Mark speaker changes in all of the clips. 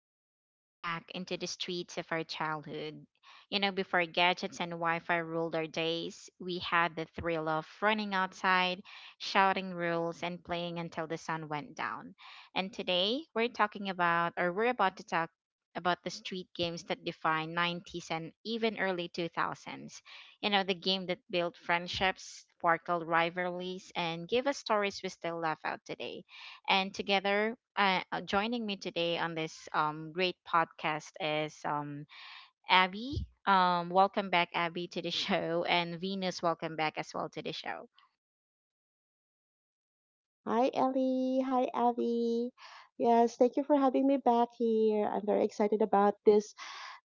Speaker 1: we stepping back into the streets of our childhood. You know, before gadgets and Wi-Fi ruled our days, we had the thrill of running outside, shouting rules, and playing until the sun went down. And today, we're talking about, or we're about to talk about the street games that define 90s and even early 2000s. You know, the game that built friendships, sparkled rivalries, and gave us stories we still laugh out today. And together, joining me today on this great podcast is Abby. Welcome back, Abby, to the show, and Venus, welcome back as well to the show.
Speaker 2: Hi, Ellie. Hi, Abby. Yes, thank you for having me back here. I'm very excited about this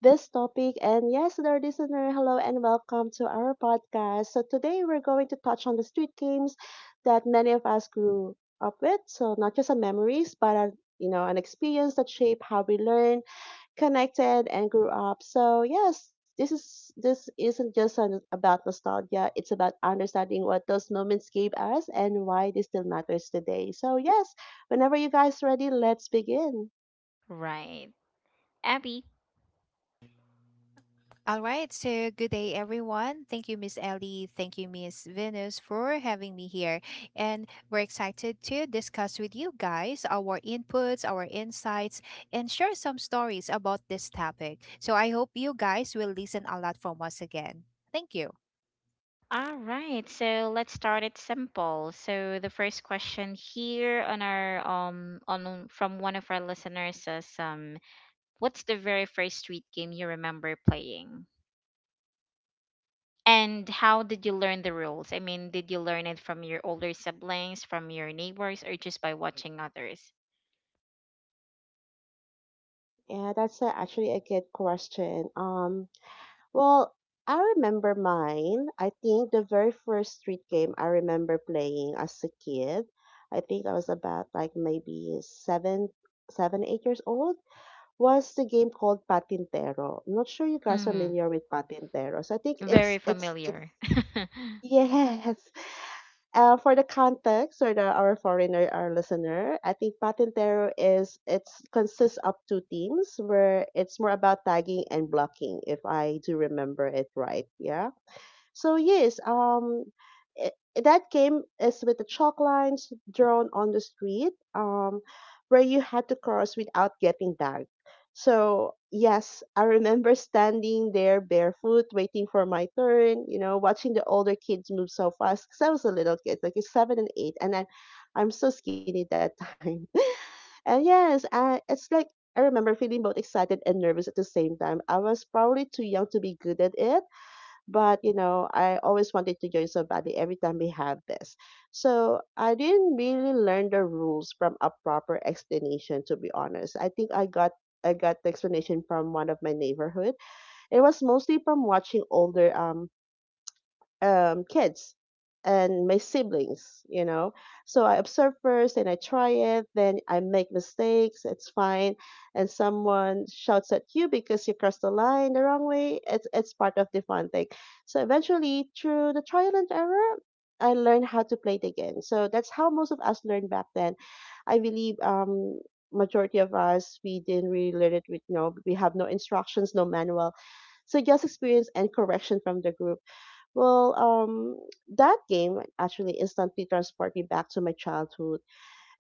Speaker 2: this topic. And yes, dear listener, hello and welcome to our podcast. So today we're going to touch on the street games that many of us grew up with. So not just a memories, but an experience that shaped how we learn, connected and grew up. So yes, this isn't just about nostalgia. It's about understanding what those moments gave us and why this still matters today. So yes, whenever you guys ready, let's begin.
Speaker 1: Right, Abby.
Speaker 3: All right, so good day, everyone. Thank you, Miss Ellie. Thank you, Miss Venus, for having me here. And we're excited to discuss with you guys our inputs, our insights, and share some stories about this topic. So I hope you guys will listen a lot from us again. Thank you.
Speaker 1: All right, so let's start it simple. So the first question here on our on from one of our listeners says what's the very first street game you remember playing? And how did you learn the rules? I mean, did you learn it from your older siblings, from your neighbors, or just by watching others?
Speaker 2: Yeah, that's a, actually a good question. Well, I remember mine. I think the very first street game I remember playing as a kid. I think I was about like maybe seven, 8 years old was the game called Patintero. I'm not sure you guys are
Speaker 1: Mm-hmm.
Speaker 2: familiar with Patintero. So I think it's
Speaker 1: Very
Speaker 2: it's it's
Speaker 1: familiar.
Speaker 2: Yes. For the context or the our foreigner our listener, I think Patintero is it's consists of two teams where it's more about tagging and blocking if I do remember it right. Yeah, so yes, I that game is with the chalk lines drawn on the street, where you had to cross without getting tagged. So yes, I remember standing there barefoot, waiting for my turn. You know, watching the older kids move so fast. Cause I was a little kid, like seven and eight, and I'm so skinny that time. And yes, it's like I remember feeling both excited and nervous at the same time. I was probably too young to be good at it, but you know I always wanted to join somebody every time we have this. So I didn't really learn the rules from a proper explanation. To be honest, I got the explanation from one of my neighborhood. It was mostly from watching older kids and my siblings, you know. So I observe first and I try it, then I make mistakes, it's fine. And someone shouts at you because you crossed the line the wrong way, it's part of the fun thing. So eventually, through the trial and error, I learned how to play it again. So that's how most of us learned back then. I believe majority of us, we didn't really learn it with no, we have no instructions, no manual. So just experience and correction from the group. Well, that game actually instantly transported me back to my childhood.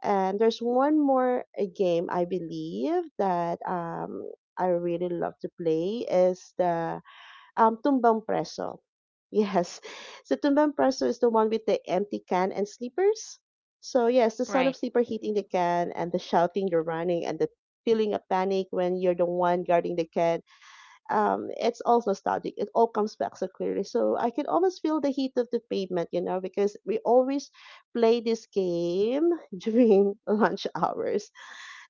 Speaker 2: And there's one more game I believe that I really love to play is the Tumbang Preso. Yes, so Tumbang Preso is the one with the empty can and sleepers. So yes, the son of
Speaker 1: right,
Speaker 2: sleeper hitting the can and the shouting, the running, and the feeling of panic when you're the one guarding the can. It's also static. It all comes back so clearly. So I can almost feel the heat of the pavement, you know, because we always play this game during lunch hours.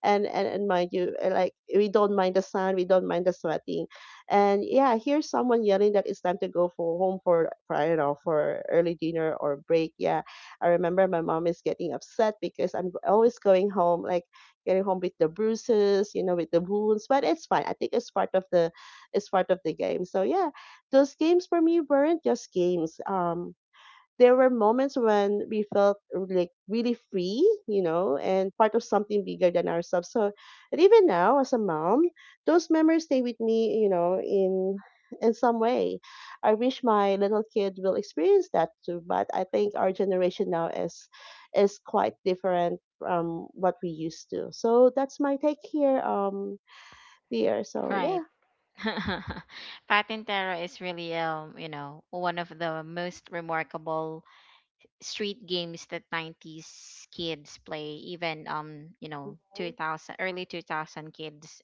Speaker 2: And mind you, like we don't mind the sun, we don't mind the sweating, and yeah, here's someone yelling that it's time to go for home for I don't know for early dinner or break. Yeah, I remember my mom is getting upset because I'm always going home like getting home with the bruises, you know, with the wounds. But it's fine. I think it's part of the game. So yeah, those games for me weren't just games. There were moments when we felt like really free, you know, and part of something bigger than ourselves. So, and even now as a mom, those memories stay with me, you know, in some way. I wish my little kid will experience that too, but I think our generation now is quite different from what we used to. So that's my take here, dear. So
Speaker 1: right.
Speaker 2: yeah.
Speaker 1: Patintero is really, you know, one of the most remarkable street games that 90s kids play, even, you know, 2000, early 2000 kids,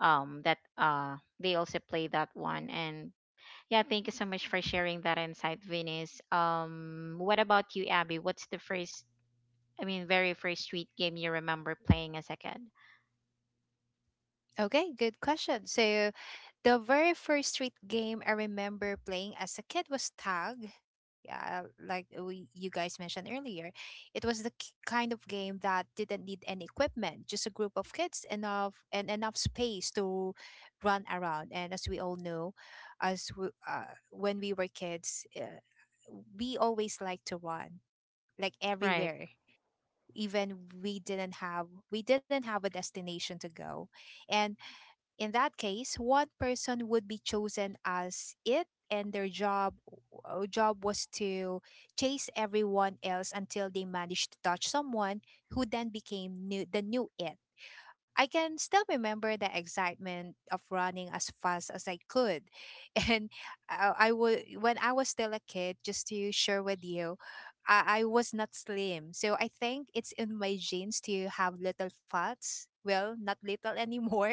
Speaker 1: that, they also play that one. And yeah, thank you so much for sharing that insight, Venus. What about you, Abby? What's the I mean, very first street game you remember playing as a kid?
Speaker 3: Okay, good question. So the very first street game I remember playing as a kid was tag. Yeah, like we you guys mentioned earlier, it was the kind of game that didn't need any equipment, just a group of kids enough and enough space to run around. And as we all know, when we were kids, we always like to run like
Speaker 1: Right,
Speaker 3: everywhere, even we didn't have a destination to go. And in that case, one person would be chosen as it, and their job was to chase everyone else until they managed to touch someone who then became the new it. I can still remember the excitement of running as fast as I could. And I would, when I was still a kid, just to share with you, I was not slim. So I think it's in my genes to have little fats. Well, not little anymore,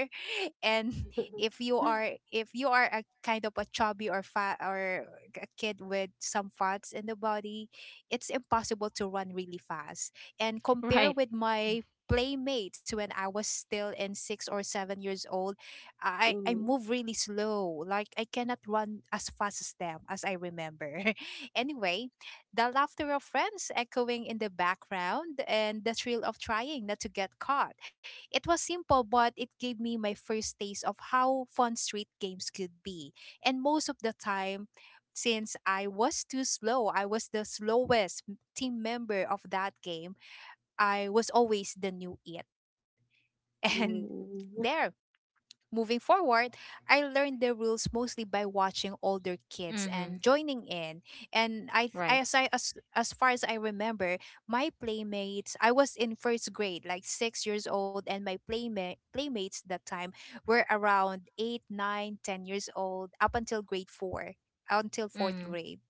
Speaker 3: and if you are a kind of a chubby or fat or a kid with some fats in the body, it's impossible to run really fast and compare
Speaker 1: right.
Speaker 3: with my playmates when I was still in 6 or 7 years old. I
Speaker 2: Mm,
Speaker 3: move really slow, like I cannot run as fast as them as I remember. Anyway, the laughter of friends echoing in the background and the thrill of trying not to get caught, it was simple, but it gave me my first taste of how fun street games could be. And most of the time, since I was too slow, I was the slowest team member of that game. I was always the new it. And
Speaker 2: mm,
Speaker 3: there, moving forward, I learned the rules mostly by watching older kids
Speaker 1: Mm-hmm.
Speaker 3: and joining in. And I, th-
Speaker 1: Right.
Speaker 3: I as far as I remember, my playmates, I was in first grade, like 6 years old, and my playmates that time were around eight, nine, 10 years old, up until grade four, until fourth
Speaker 1: Mm-hmm.
Speaker 3: grade.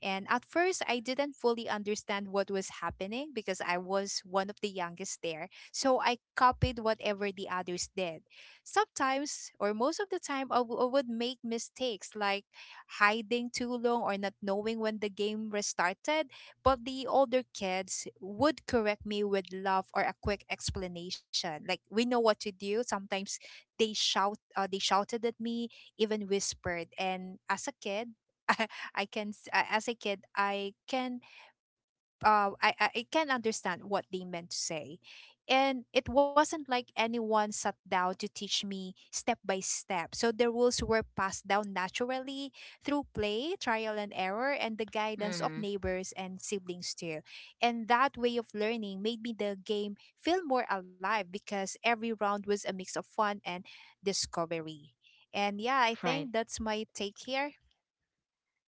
Speaker 3: And at first, I didn't fully understand what was happening because I was one of the youngest there. So I copied whatever the others did. Sometimes, or most of the time, I would make mistakes like hiding too long or not knowing when the game restarted. But the older kids would correct me with love or a quick explanation. Like, we know what to do. Sometimes they shouted at me, even whispered. And as a kid, I can s- a- as a kid I can understand what they meant to say. And it wasn't like anyone sat down to teach me step by step. So the rules were passed down naturally through play, trial and error, and the guidance of
Speaker 1: Mm-hmm.
Speaker 3: neighbors and siblings too. And that way of learning made me the game feel more alive because every round was a mix of fun and discovery. And yeah, I
Speaker 1: Right.
Speaker 3: think that's my take here.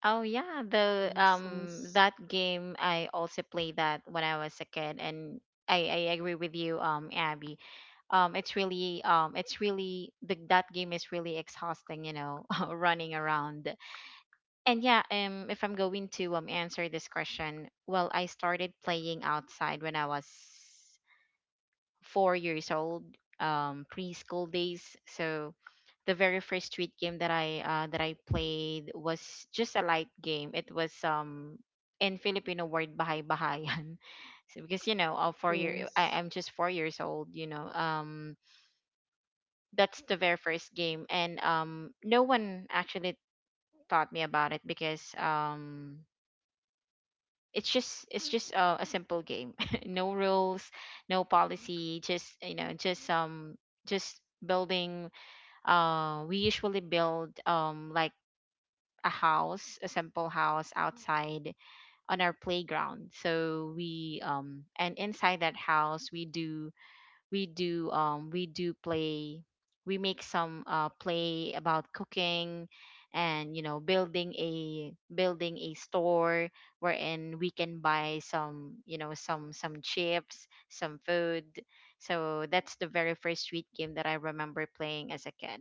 Speaker 1: Oh yeah, the
Speaker 2: nice, nice.
Speaker 1: that game I also played that when I was a kid, and I agree with you, Abby. It's really it's really the that game is really exhausting, you know, running around. And yeah, if I'm going to answer this question, well, I started playing outside when I was 4 years old, preschool days. So the very first street game that I played was just a light game. It was in Filipino word bahay bahayan, so because you know,
Speaker 2: Yes,
Speaker 1: I'm just 4 years old. You know, that's the very first game, and no one actually taught me about it because it's just a simple game, no rules, no policy, just you know, just building. We usually build like a house, a simple house, outside on our playground, so we and inside that house we do play. We make some play about cooking, and you know, building a store, wherein we can buy some you know, some chips, some food. So that's the very first street game that I remember playing as a kid.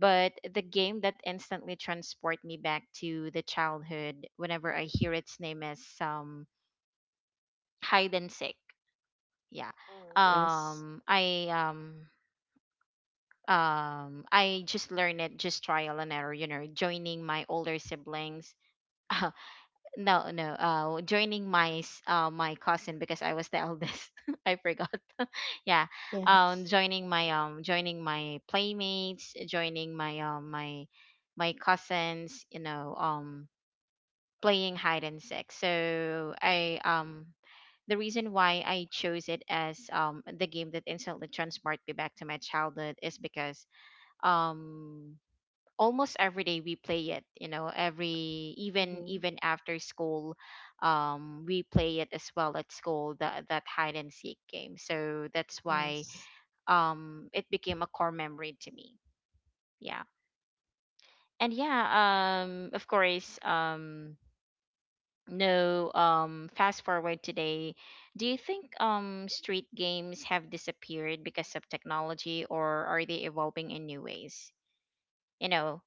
Speaker 1: But the game that instantly transport me back to the childhood whenever I hear its name is hide and seek. Yeah,
Speaker 2: mm, yeah. Yes,
Speaker 1: um i um I just learned it, just trial and error, you know, joining my older siblings. no no Joining my cousin, because I was the eldest. I forgot. Yeah,
Speaker 2: yes.
Speaker 1: joining my playmates, joining my cousins, you know, playing hide and seek. So I the reason why I chose it as the game that instantly transported me back to my childhood is because um almost every day we play it, you know, every even
Speaker 2: Mm-hmm.
Speaker 1: even after school. We play it as well at school, that hide and seek game. So that's why
Speaker 2: Yes,
Speaker 1: it became a core memory to me. Yeah. And yeah, of course, no fast forward today, do you think street games have disappeared because of technology, or are they evolving in new ways, you know?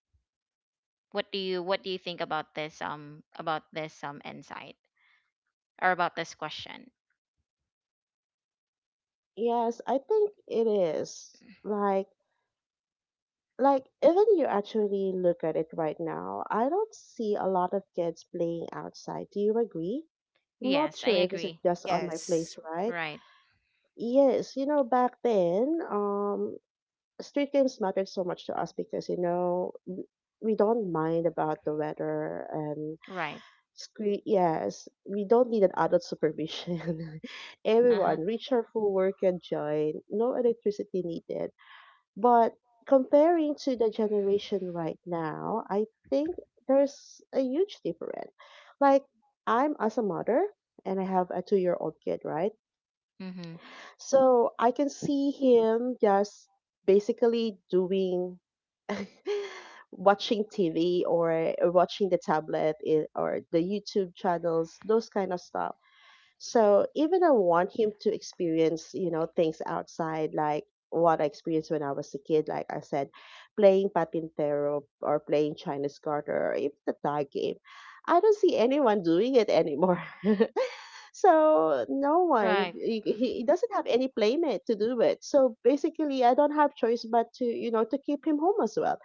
Speaker 1: What do you think about this about this insight or about this question?
Speaker 2: yes. I think it is like, like even you actually look at it right now. I don't see a lot of kids playing outside. Do you agree? I'm not
Speaker 1: Yes, I
Speaker 2: sure if it's
Speaker 1: agree.
Speaker 2: just on my
Speaker 3: Yes.
Speaker 2: place, right?
Speaker 1: Right.
Speaker 2: Yes, you know, back then, street games matter so much to us because you know we don't mind about the weather and
Speaker 1: Right.
Speaker 2: screen. Yes, we don't need an adult supervision.
Speaker 1: Uh-huh.
Speaker 2: Everyone reach our full work and join, no electricity needed. But comparing to the generation right now, I think there's a huge difference. Like, I'm as a mother and I have a 2-year-old kid, right?
Speaker 1: Mhm.
Speaker 2: So I can see him just basically doing watching TV, or watching the tablet or the YouTube channels, those kind of stuff. So even I want him to experience, you know, things outside like what I experienced when I was a kid, like I said, playing Patintero or playing Chinese garter or even the tag game. I don't see anyone doing it anymore. So no one,
Speaker 1: Right. Mm.
Speaker 2: he doesn't have any playmate to do it. So basically, I don't have choice but to, you know, to keep him home as well.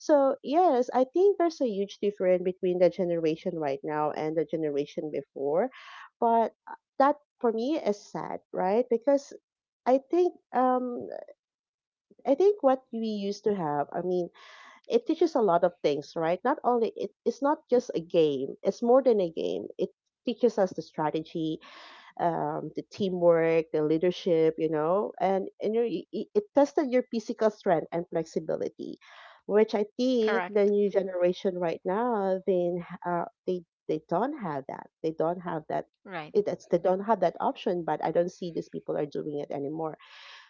Speaker 2: So yes, I think there's a huge difference between the generation right now and the generation before, but that for me is sad, right? Because I think um I think what we used to have, I mean, it teaches a lot of things, right? Not only it, it's not just a game; it's more than a game. It teaches us the strategy, the teamwork, the leadership, you know, and your, it tested your physical strength and flexibility, which I think the
Speaker 1: Correct.
Speaker 2: new generation right now, uh, they, they don't have that. They don't have that.
Speaker 1: Right.
Speaker 2: They don't have that option, but I don't see these people are doing it anymore.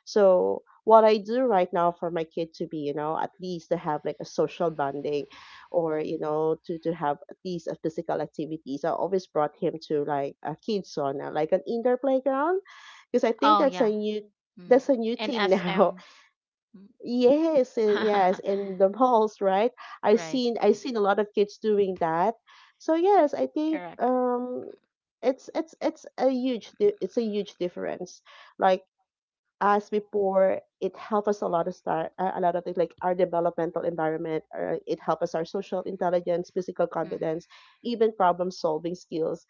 Speaker 2: So what I do right now for my kid to be, you know, at least to have like a social bonding or, you know, to have at least a physical activities, I always brought him to like a kid's sauna, like an indoor playground. Because I think
Speaker 1: Oh
Speaker 2: that's a
Speaker 1: yeah.
Speaker 2: new
Speaker 1: Mm.
Speaker 2: that's a new
Speaker 1: And
Speaker 2: thing now.
Speaker 1: SM.
Speaker 2: Yes, and yes, in the malls, right? I've
Speaker 1: right.
Speaker 2: seen I've seen a lot of kids doing that. So yes, I think
Speaker 1: Correct.
Speaker 2: it's a huge difference. Like, as before, it helped us a lot of start, a lot of things like our developmental environment. It helped us our social intelligence, physical
Speaker 1: Mm.
Speaker 2: confidence, even problem solving skills,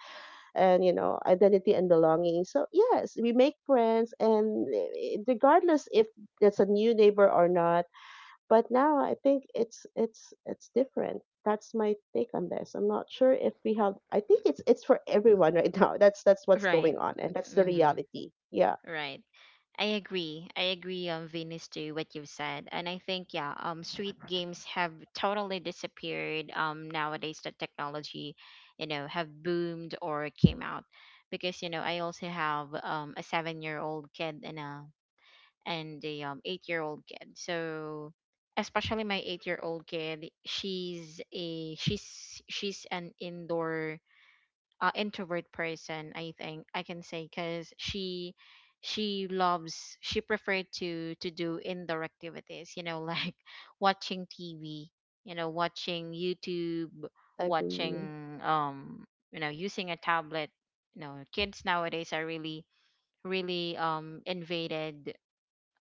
Speaker 2: and you know identity and belonging. So yes, we make friends, and regardless if that's a new neighbor or not. But now I think it's it's different. That's my take on this. I'm not sure if we have. I think it's for everyone right now. That's what's
Speaker 1: Right.
Speaker 2: going on, and that's the
Speaker 1: Mm-hmm.
Speaker 2: reality. Yeah,
Speaker 1: Right. I agree. I agree, Venus, to what you've said. And I think yeah, street games have totally disappeared nowadays the technology, you know, have boomed or came out. Because, you know, I also have a 7 year old kid, and a 8 year old kid. So especially my 8 year old kid, she's a she's she's an indoor introvert person, I think I can say, because she preferred to do indoor activities, you know, like watching TV, you know, watching YouTube,
Speaker 2: I agree.
Speaker 1: watching you know, using a tablet. You know, kids nowadays are really invaded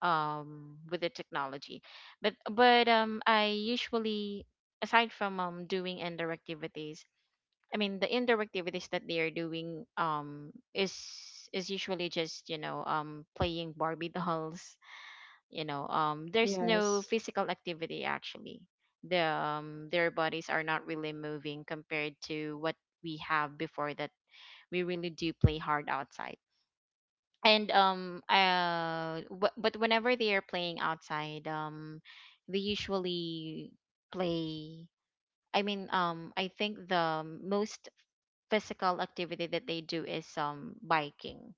Speaker 1: with the technology. But I usually, aside from doing indoor activities, I mean, the indoor activities that they are doing is usually just you know, playing Barbie dolls, you know, there's no
Speaker 2: Yes.
Speaker 1: physical activity. Actually, the their bodies are not really moving compared to what we have before, that we really do play hard outside. And but whenever they are playing outside, they usually play, I mean, I think the most physical activity that they do is biking.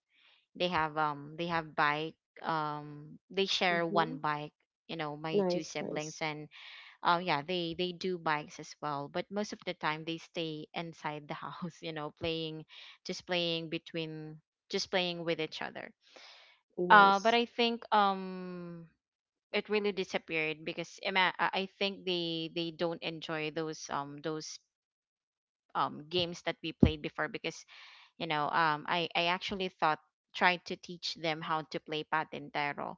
Speaker 1: They have bike. They share
Speaker 2: Mm-hmm.
Speaker 1: one bike. You know, my two
Speaker 2: Nice,
Speaker 1: siblings,
Speaker 2: nice,
Speaker 1: and yeah, they do bikes as well. But most of the time, they stay inside the house, you know, playing, just playing between, just playing with each other. But
Speaker 2: nice.
Speaker 1: I think it really disappeared because I think they don't enjoy those games that we played before. Because you know, I actually thought tried to teach them how to play patintero,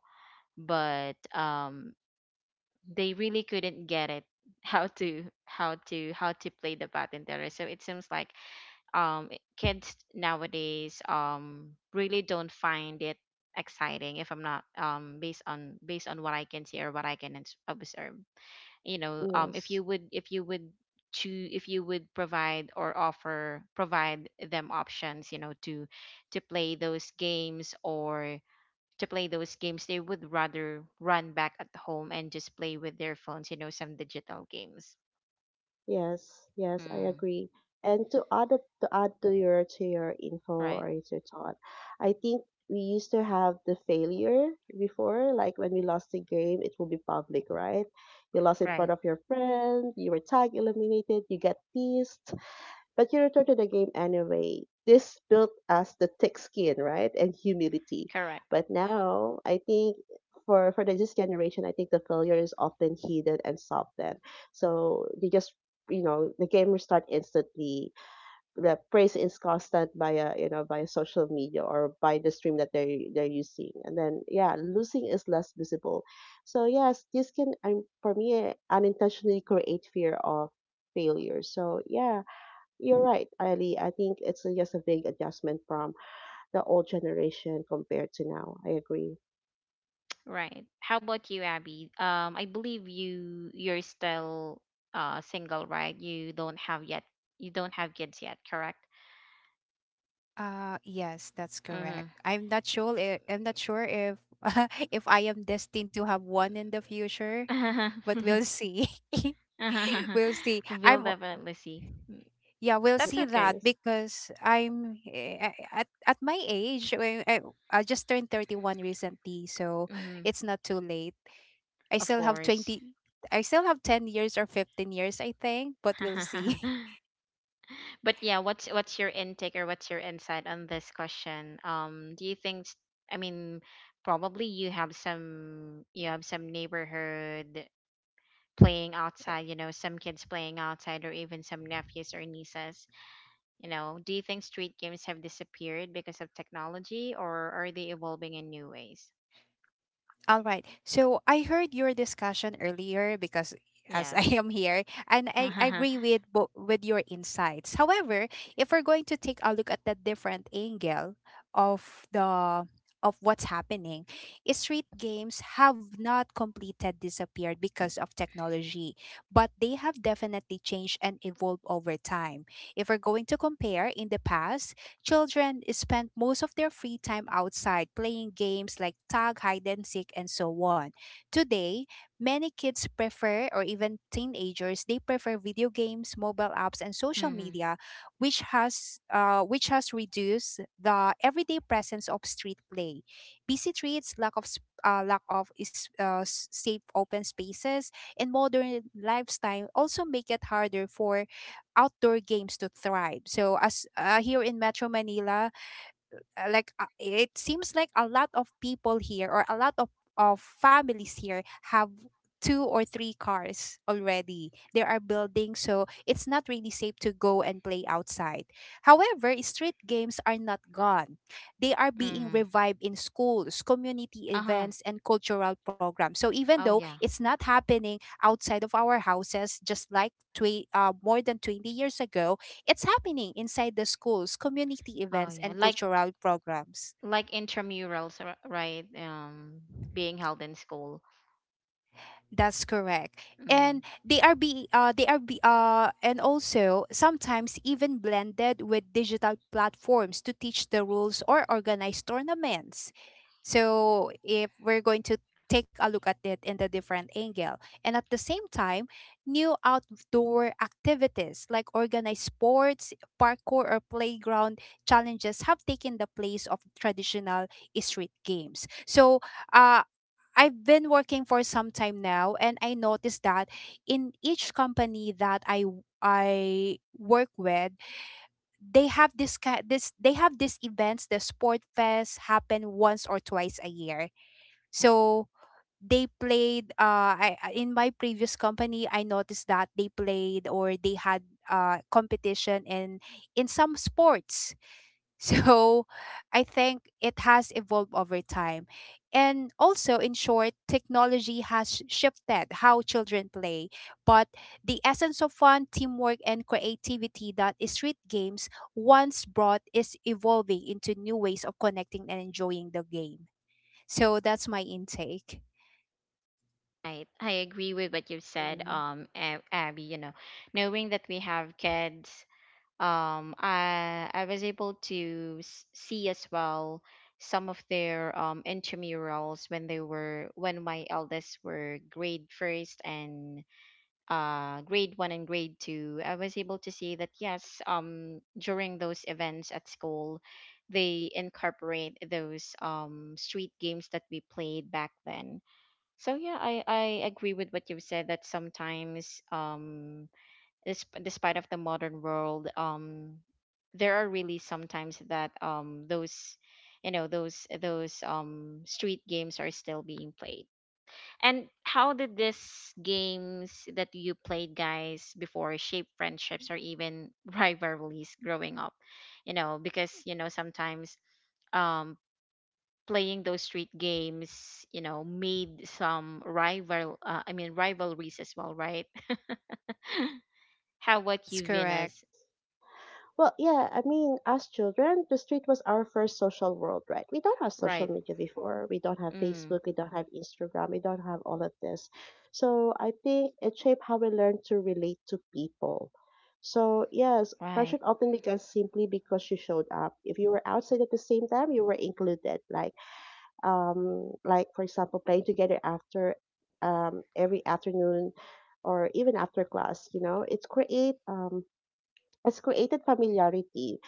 Speaker 1: but they really couldn't get it how to play the patintero. So it seems like, um, kids nowadays really don't find it exciting, if I'm not based on what I can see or what I can observe. You know,
Speaker 2: Yes,
Speaker 1: if you would choose, if you would provide or offer provide them options, you know, to play those games, or to play those games, they would rather run back at home and just play with their phones, you know, some digital games.
Speaker 2: yes, yes. I
Speaker 1: mm,
Speaker 2: agree. And to add to your info
Speaker 1: right.
Speaker 2: or to your thought, I think we used to have the failure before, like when we lost the game, it will be public, right? You lost in
Speaker 1: right
Speaker 2: front of your friend, you were tag eliminated, you get pissed. But you return to the game anyway. This built us the thick skin, right? And humility.
Speaker 1: correct
Speaker 2: But now I think for the this generation, I think the failure is often hidden and softened. So you just, you know, the game restart instantly. The praise is constant via you know via social media or by the stream that they're using. And then yeah, losing is less visible. So yes, this can for me unintentionally create fear of failure. So yeah, you're right, Ali. I think it's just a big adjustment from the old generation compared to now. I agree.
Speaker 1: right how about you, Abby? I believe you, you're still single, right? You don't have yet, you don't have kids yet, correct?
Speaker 3: Yes, that's correct. I'm not sure if if I am destined to have one in the future, but
Speaker 1: Mm-hmm.
Speaker 3: we'll see. We'll see.
Speaker 1: We'll
Speaker 3: I'm
Speaker 1: definitely see.
Speaker 3: yeah, we'll
Speaker 2: Mhm,
Speaker 1: That's
Speaker 3: see
Speaker 1: okay.
Speaker 3: that
Speaker 2: yes.
Speaker 3: because I'm eh, at my age, I just turned 31 recently, so
Speaker 1: Hmm.
Speaker 3: it's not too late. I
Speaker 1: Of
Speaker 3: still have
Speaker 1: course.
Speaker 3: 20 I still have 10 years or 15 years, I think, but we'll see.
Speaker 1: But yeah, what's your intake or what's your insight on this question? Do you think? I mean, probably you have some, you have some neighborhood playing outside. You know, some kids playing outside, or even some nephews or nieces. You know, do you think street games have disappeared because of technology, or are they evolving in new ways?
Speaker 3: All right. So I heard your discussion earlier because as I
Speaker 1: Yes.
Speaker 3: am here, and I agree with your insights. However, if we're going to take a look at the different angle of the of what's happening, street games have not completed disappeared because of technology, but they have definitely changed and evolved over time. If we're going to compare in the past, children spend most of their free time outside playing games like tag, hide and seek, and so on. Today, many kids prefer, or even teenagers, they prefer video games, mobile apps, and social
Speaker 1: Mm-hmm.
Speaker 3: media, which has reduced the everyday presence of street play. Busy streets, lack of safe open spaces, and modern lifestyle also make it harder for outdoor games to thrive. So as here in Metro Manila, it seems like a lot of people here or a lot of families here have two or three cars already they are building, so it's not really safe to go and play outside. However, street games are not gone. They are being
Speaker 1: Mm-hmm.
Speaker 3: revived in schools, community
Speaker 1: Uh-huh.
Speaker 3: events and cultural programs, so even
Speaker 1: Oh
Speaker 3: though
Speaker 1: yeah.
Speaker 3: it's not happening outside of our houses, just like more than 20 years ago, it's happening inside the schools, community
Speaker 1: Oh
Speaker 3: events,
Speaker 1: yeah.
Speaker 3: and cultural programs.
Speaker 1: Like intramurals, right? Being held in school.
Speaker 3: That's correct.
Speaker 1: Mm,
Speaker 3: And they are be and also sometimes even blended with digital platforms to teach the rules or organize tournaments. So if we're going to take a look at it in the different angle, and at the same time new outdoor activities like organized sports, parkour or playground challenges have taken the place of traditional street games. So uh, I've been working for some time now and I noticed that in each company that I work with, they have this ki- this they have these events, the sport fest, happen once or twice a year. So they played in my previous company I noticed that they played or they had competition in some sports. So I think it has evolved over time. And also, in short, technology has shifted how children play, but the essence of fun, teamwork and creativity that street games once brought is evolving into new ways of connecting and enjoying the game. So that's my intake.
Speaker 1: right. I agree with what you said,
Speaker 2: Mhm.
Speaker 1: Abby. You know, knowing that we have kids, I I was able to see as well some of their intramurals when they were when my eldest were grade first and grade one and grade two. I was able to see that yes, during those events at school, they incorporate those street games that we played back then. So yeah, I agree with what you've said that sometimes, despite of the modern world, there are really sometimes that those, you know, those street games are still being played. And how did these games that you played, guys, before shape friendships or even rivalries growing up? You know, because you know, sometimes um, playing those street games, you know, made some rival. I mean, rivalries as well, right? How about
Speaker 3: That's
Speaker 1: you,
Speaker 3: correct.
Speaker 1: Venus?
Speaker 2: Well, yeah, I mean, as children, the street was our first social world, right? We don't have social
Speaker 1: Right.
Speaker 2: media before. We don't have
Speaker 1: Mm.
Speaker 2: Facebook. We don't have Instagram. We don't have all of this. So I think it shaped how we learn to relate to people. So, yes,
Speaker 1: Right.
Speaker 2: pressure often began simply because you showed up. If you were outside at the same time, you were included. Like for example playing together after every afternoon, or even after class, you know, it's create it's created familiarity.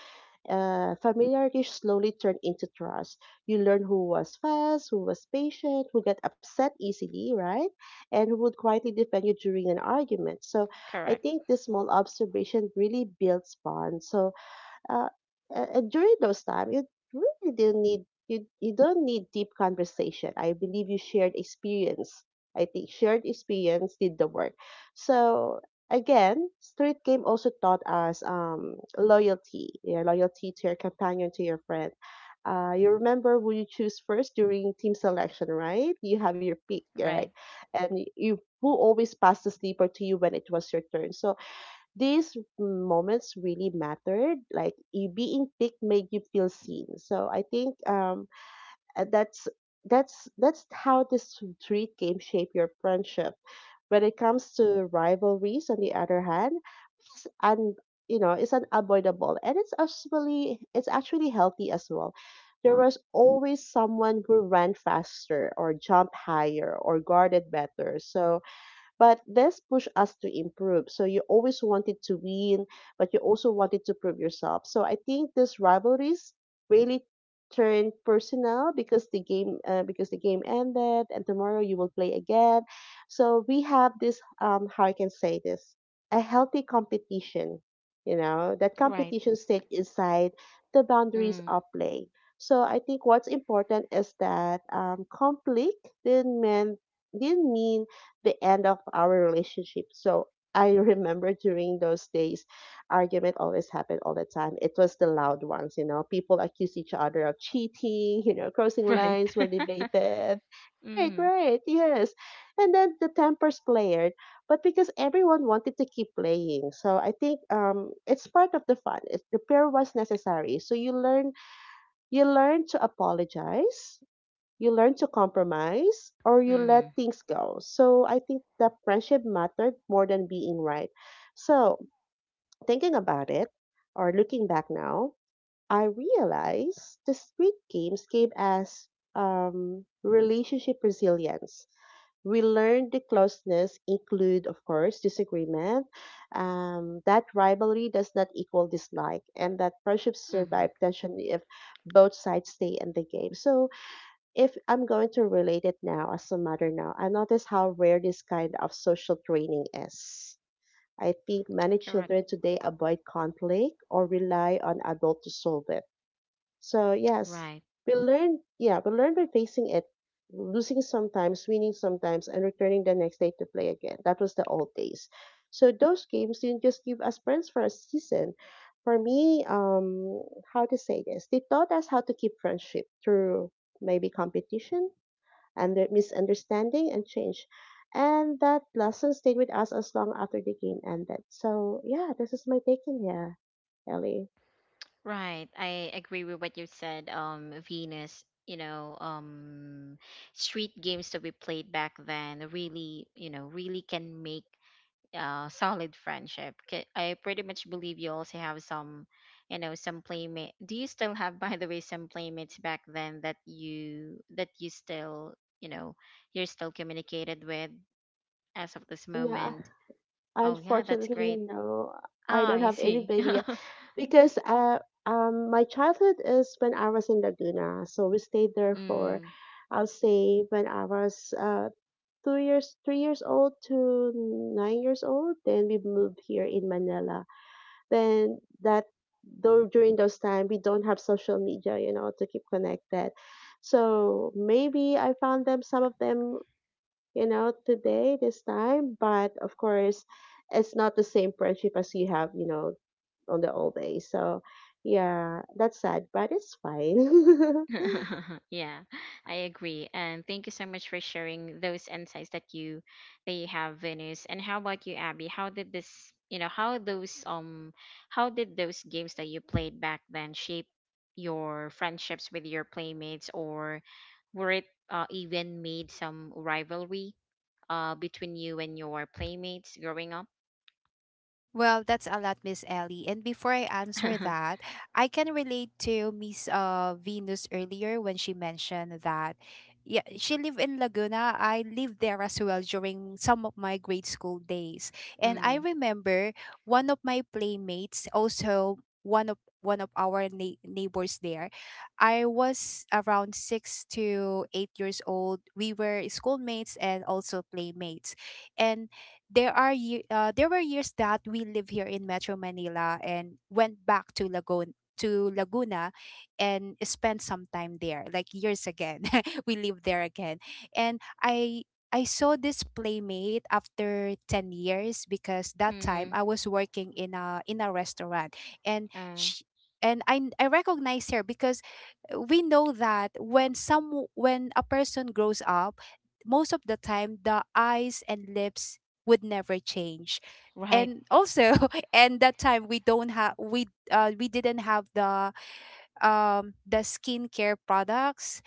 Speaker 2: Familiarity slowly turned into trust. You learn who was fast, who was patient, who got upset easily, right? And who would quietly defend you during an argument. So I
Speaker 1: Correct.
Speaker 2: think this small observation really builds bonds. So uh, during those time, you really didn't need, you don't need deep conversation. I believe you shared experience. I think shared experience did the work. So again, street game also taught us loyalty. Yeah, loyalty to your companion, to your friend. You remember who you choose first during team selection, right? You have your pick, right?
Speaker 1: Right.
Speaker 2: And you who always passed the sleeper to you when it was your turn. So these moments really mattered. Like, you being picked made you feel seen. So I think uh, that's that's how this street game shape your friendship. When it comes to rivalries, on the other hand, it's un, you know, it's unavoidable, and it's actually healthy as well. There was always someone who ran faster or jumped higher or guarded better. So but this pushed us to improve. So you always wanted to win, but you also wanted to prove yourself. So I think these rivalries really turned personal because the game ended and tomorrow you will play again. So we have this, um, how I can say this, a healthy competition. You know, that
Speaker 1: Right.
Speaker 2: competition stayed inside the boundaries
Speaker 1: Mm.
Speaker 2: of play. So I think what's important is that conflict didn't mean the end of our relationship. So I remember during those days, argument always happened all the time. It was the loud ones, you know. People accuse each other of cheating, you know, crossing
Speaker 1: Right.
Speaker 2: lines were debated. Right,
Speaker 1: mm.
Speaker 2: right, yes. And then the tempers flared, but because everyone wanted to keep playing, so I think it's part of the fun. It, repair was necessary, so you learn to apologize, you learn to compromise, or you let
Speaker 1: Mm.
Speaker 2: things go. So I think the friendship mattered more than being right. So thinking about it or looking back now, I realize the street games gave us, relationship resilience. We learned the closeness include, of course, disagreement. That rivalry does not equal dislike, and that friendships
Speaker 1: Mm.
Speaker 2: survive tension if both sides stay in the game. So if I'm going to relate it now as a mother now, I notice how rare this kind of social training is. I think many
Speaker 1: Correct.
Speaker 2: children today avoid conflict or rely on adults to solve it. So yes,
Speaker 1: Right.
Speaker 2: we learn yeah, we learn by facing it, losing sometimes, winning sometimes, and returning the next day to play again. That was the old days. So those games didn't just give us friends for a season. For me, how to say this? They taught us how to keep friendship through maybe competition, under misunderstanding and change. And that lesson stayed with us as long after the game ended. So yeah, this is my take in here, Ellie.
Speaker 1: Right. I agree with what you said, Venus. You know, street games that we played back then really, you know, really can make solid friendship. I pretty much believe you also have some, you know, some playmate. Do you still have, by the way, some playmates back then that you still, you know, you're still communicated with as of this
Speaker 2: Yeah,
Speaker 1: moment?
Speaker 2: I
Speaker 1: Oh yeah, that's
Speaker 2: unfortunately
Speaker 1: great.
Speaker 2: no, I
Speaker 1: Ah,
Speaker 2: don't
Speaker 1: I
Speaker 2: have
Speaker 1: see.
Speaker 2: anybody because my childhood is when I was in Laguna. So we stayed there for,
Speaker 1: mm.
Speaker 2: I'll say when I was 2 years, 3 years old to 9 years old. Then we moved here in Manila, then that, though during those time we don't have social media, you know, to keep connected. So maybe I found them, some of them, you know, today this time, but of course it's not the same friendship as you have, you know, on the old days. So yeah, that's sad, but it's fine.
Speaker 1: Yeah, I agree. And thank you so much for sharing those insights that you have, Venus. And how about you, Abby? How did this, you know, how those how did those games that you played back then shape your friendships with your playmates, or were it even made some rivalry between you and your playmates growing up?
Speaker 3: Well, that's a lot, Miss Ellie. And before I answer that, I can relate to Miss Venus earlier when she mentioned that yeah, she lived in Laguna. I lived there as well during some of my grade school days. And I
Speaker 1: mm,
Speaker 3: remember one of my playmates, also one of our neighbors there. I was around 6 to 8 years old. We were schoolmates and also playmates. And there were years that we lived here in Metro Manila and went back to Lagoon to Laguna and spent some time there like years again. We lived there again, and I saw this playmate after 10 years because that time
Speaker 1: mm-hmm.
Speaker 3: I was working in a restaurant, and
Speaker 1: Uh,
Speaker 3: she, I recognize her because we know that when a person grows up, most of the time the eyes and lips would never change.
Speaker 1: right.
Speaker 3: And also, and that time we didn't have the skincare products.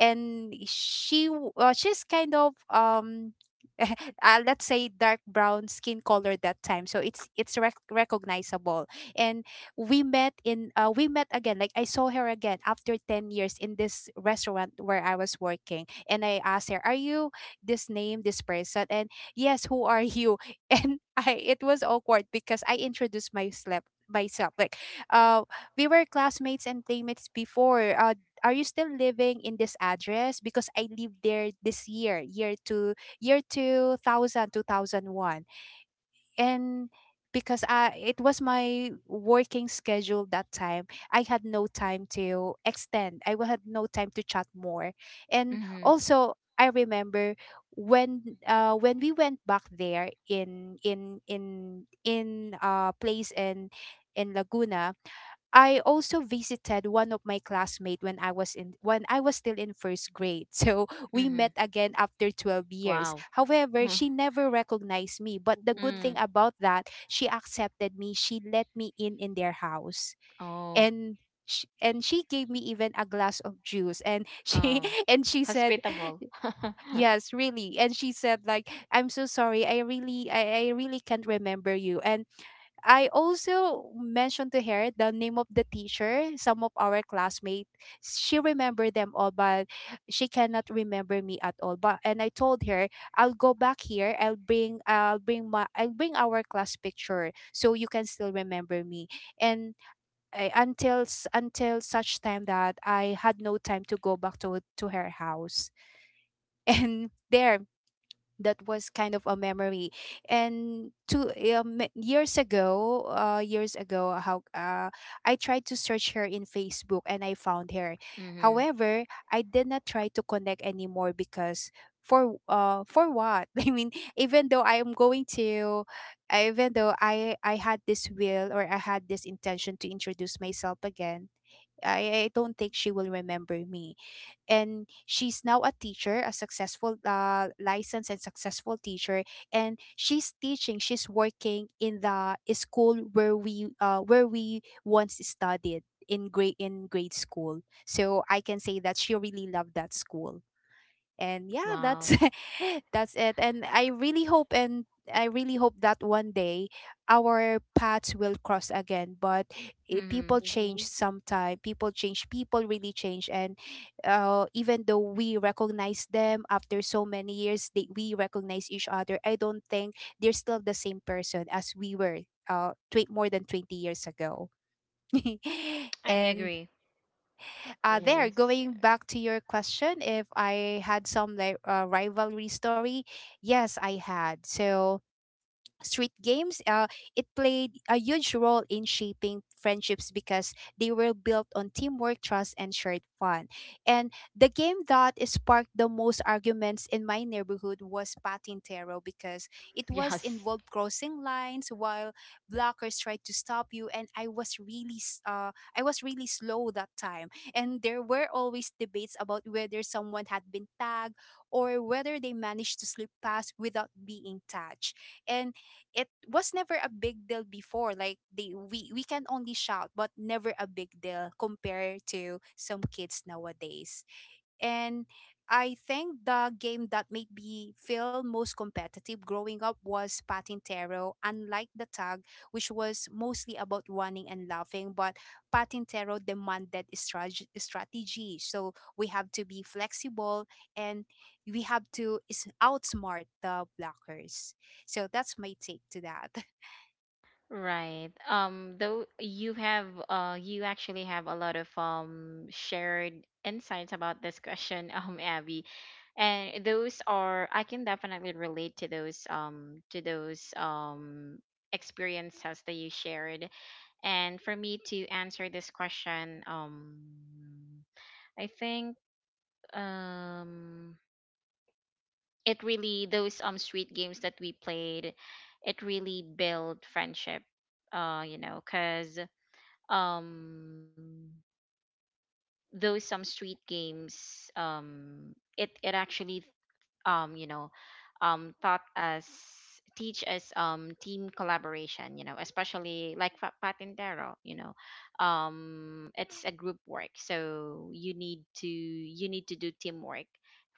Speaker 3: And she's kind of let's say dark brown skin color that time, so it's recognizable. And we met again, like I saw her again after 10 years in this restaurant where I was working, and I asked her, "Are you this name, this person?" And yes, who are you? And I it was awkward because I introduced myself like uh we were classmates and playmates before. Are you still living in this address? Because I lived there this year, year 2000 two thousand one. And it was my working schedule that time, I had no time to extend. I had no time to chat more. And
Speaker 1: Mm-hmm.
Speaker 3: also, I remember when we went back there in place in Laguna. I also visited one of my classmates when I was still in first grade. So we
Speaker 1: Mm-hmm.
Speaker 3: met again after 12 years.
Speaker 1: Wow.
Speaker 3: However,
Speaker 1: Mhm.
Speaker 3: she never recognized me, but the good
Speaker 2: Mm-hmm.
Speaker 3: thing
Speaker 1: Mm.
Speaker 3: about that, she accepted me. She let me in their house.
Speaker 1: Oh.
Speaker 3: And and she gave me even a glass of juice and she,
Speaker 1: Oh,
Speaker 3: and she said,
Speaker 1: hospitable.
Speaker 3: yes, really, and she said, like, I'm so sorry, I really can't remember you. And I also mentioned to her the name of the teacher, some of our classmates. She remembered them all, but she cannot remember me at all. But and I told her, I'll go back here. I'll bring our class picture so you can still remember me. And I, until s- until such time that I had no time to go back to her house. And there that was kind of a memory, and two years ago, years ago how I tried to search her in Facebook, and I found her.
Speaker 1: mm-hmm.
Speaker 3: However, I did not try to connect anymore because for what. I mean, even though I am going to even though I had this will, or I had this intention to introduce myself again, I don't think she will remember me. And she's now a teacher, a successful licensed and successful teacher. And she's working in the school where we once studied in grade school. So I can say that she really loved that school. And yeah,
Speaker 1: Wow.
Speaker 3: that's that's it. And I really hope, and I really hope that one day our paths will cross again. But
Speaker 1: Mm-hmm.
Speaker 2: Mm-hmm.
Speaker 3: people change, people really change. And even though we recognize them after so many years, we recognize each other, I don't think they're still the same person as we were more than 20 years ago.
Speaker 1: I
Speaker 3: And
Speaker 1: agree.
Speaker 2: Yes,
Speaker 3: going back to your question, if I had some like rivalry story, yes, I had. So street games, it played a huge role in shaping friendships because they were built on teamwork, trust, and shared fun. And the game that sparked the most arguments in my neighborhood was Patintero because it was
Speaker 1: Yes.
Speaker 3: involved crossing lines while blockers tried to stop you. And I was really, I was really slow that time. And there were always debates about whether someone had been tagged or whether they managed to slip past without being touched. And it was never a big deal before, like they we can only shout, but never a big deal compared to some kids nowadays. And I think the game that made me feel most competitive growing up was Patintero, unlike the tag, which was mostly about running and laughing. But Patintero demanded strategy. So we have to be flexible, and we have to outsmart the blockers. So that's my take to that.
Speaker 1: Right. Though you actually have a lot of shared insights about this question, Abby. And those are I can definitely relate to those experiences that you shared. And for me to answer this question, I think um it really those street games that we played, it really built friendship, you know, because um those some street games, it actually, um you know taught us, teach us team collaboration, you know, especially like patintero, you know. It's a group work, so you need to do teamwork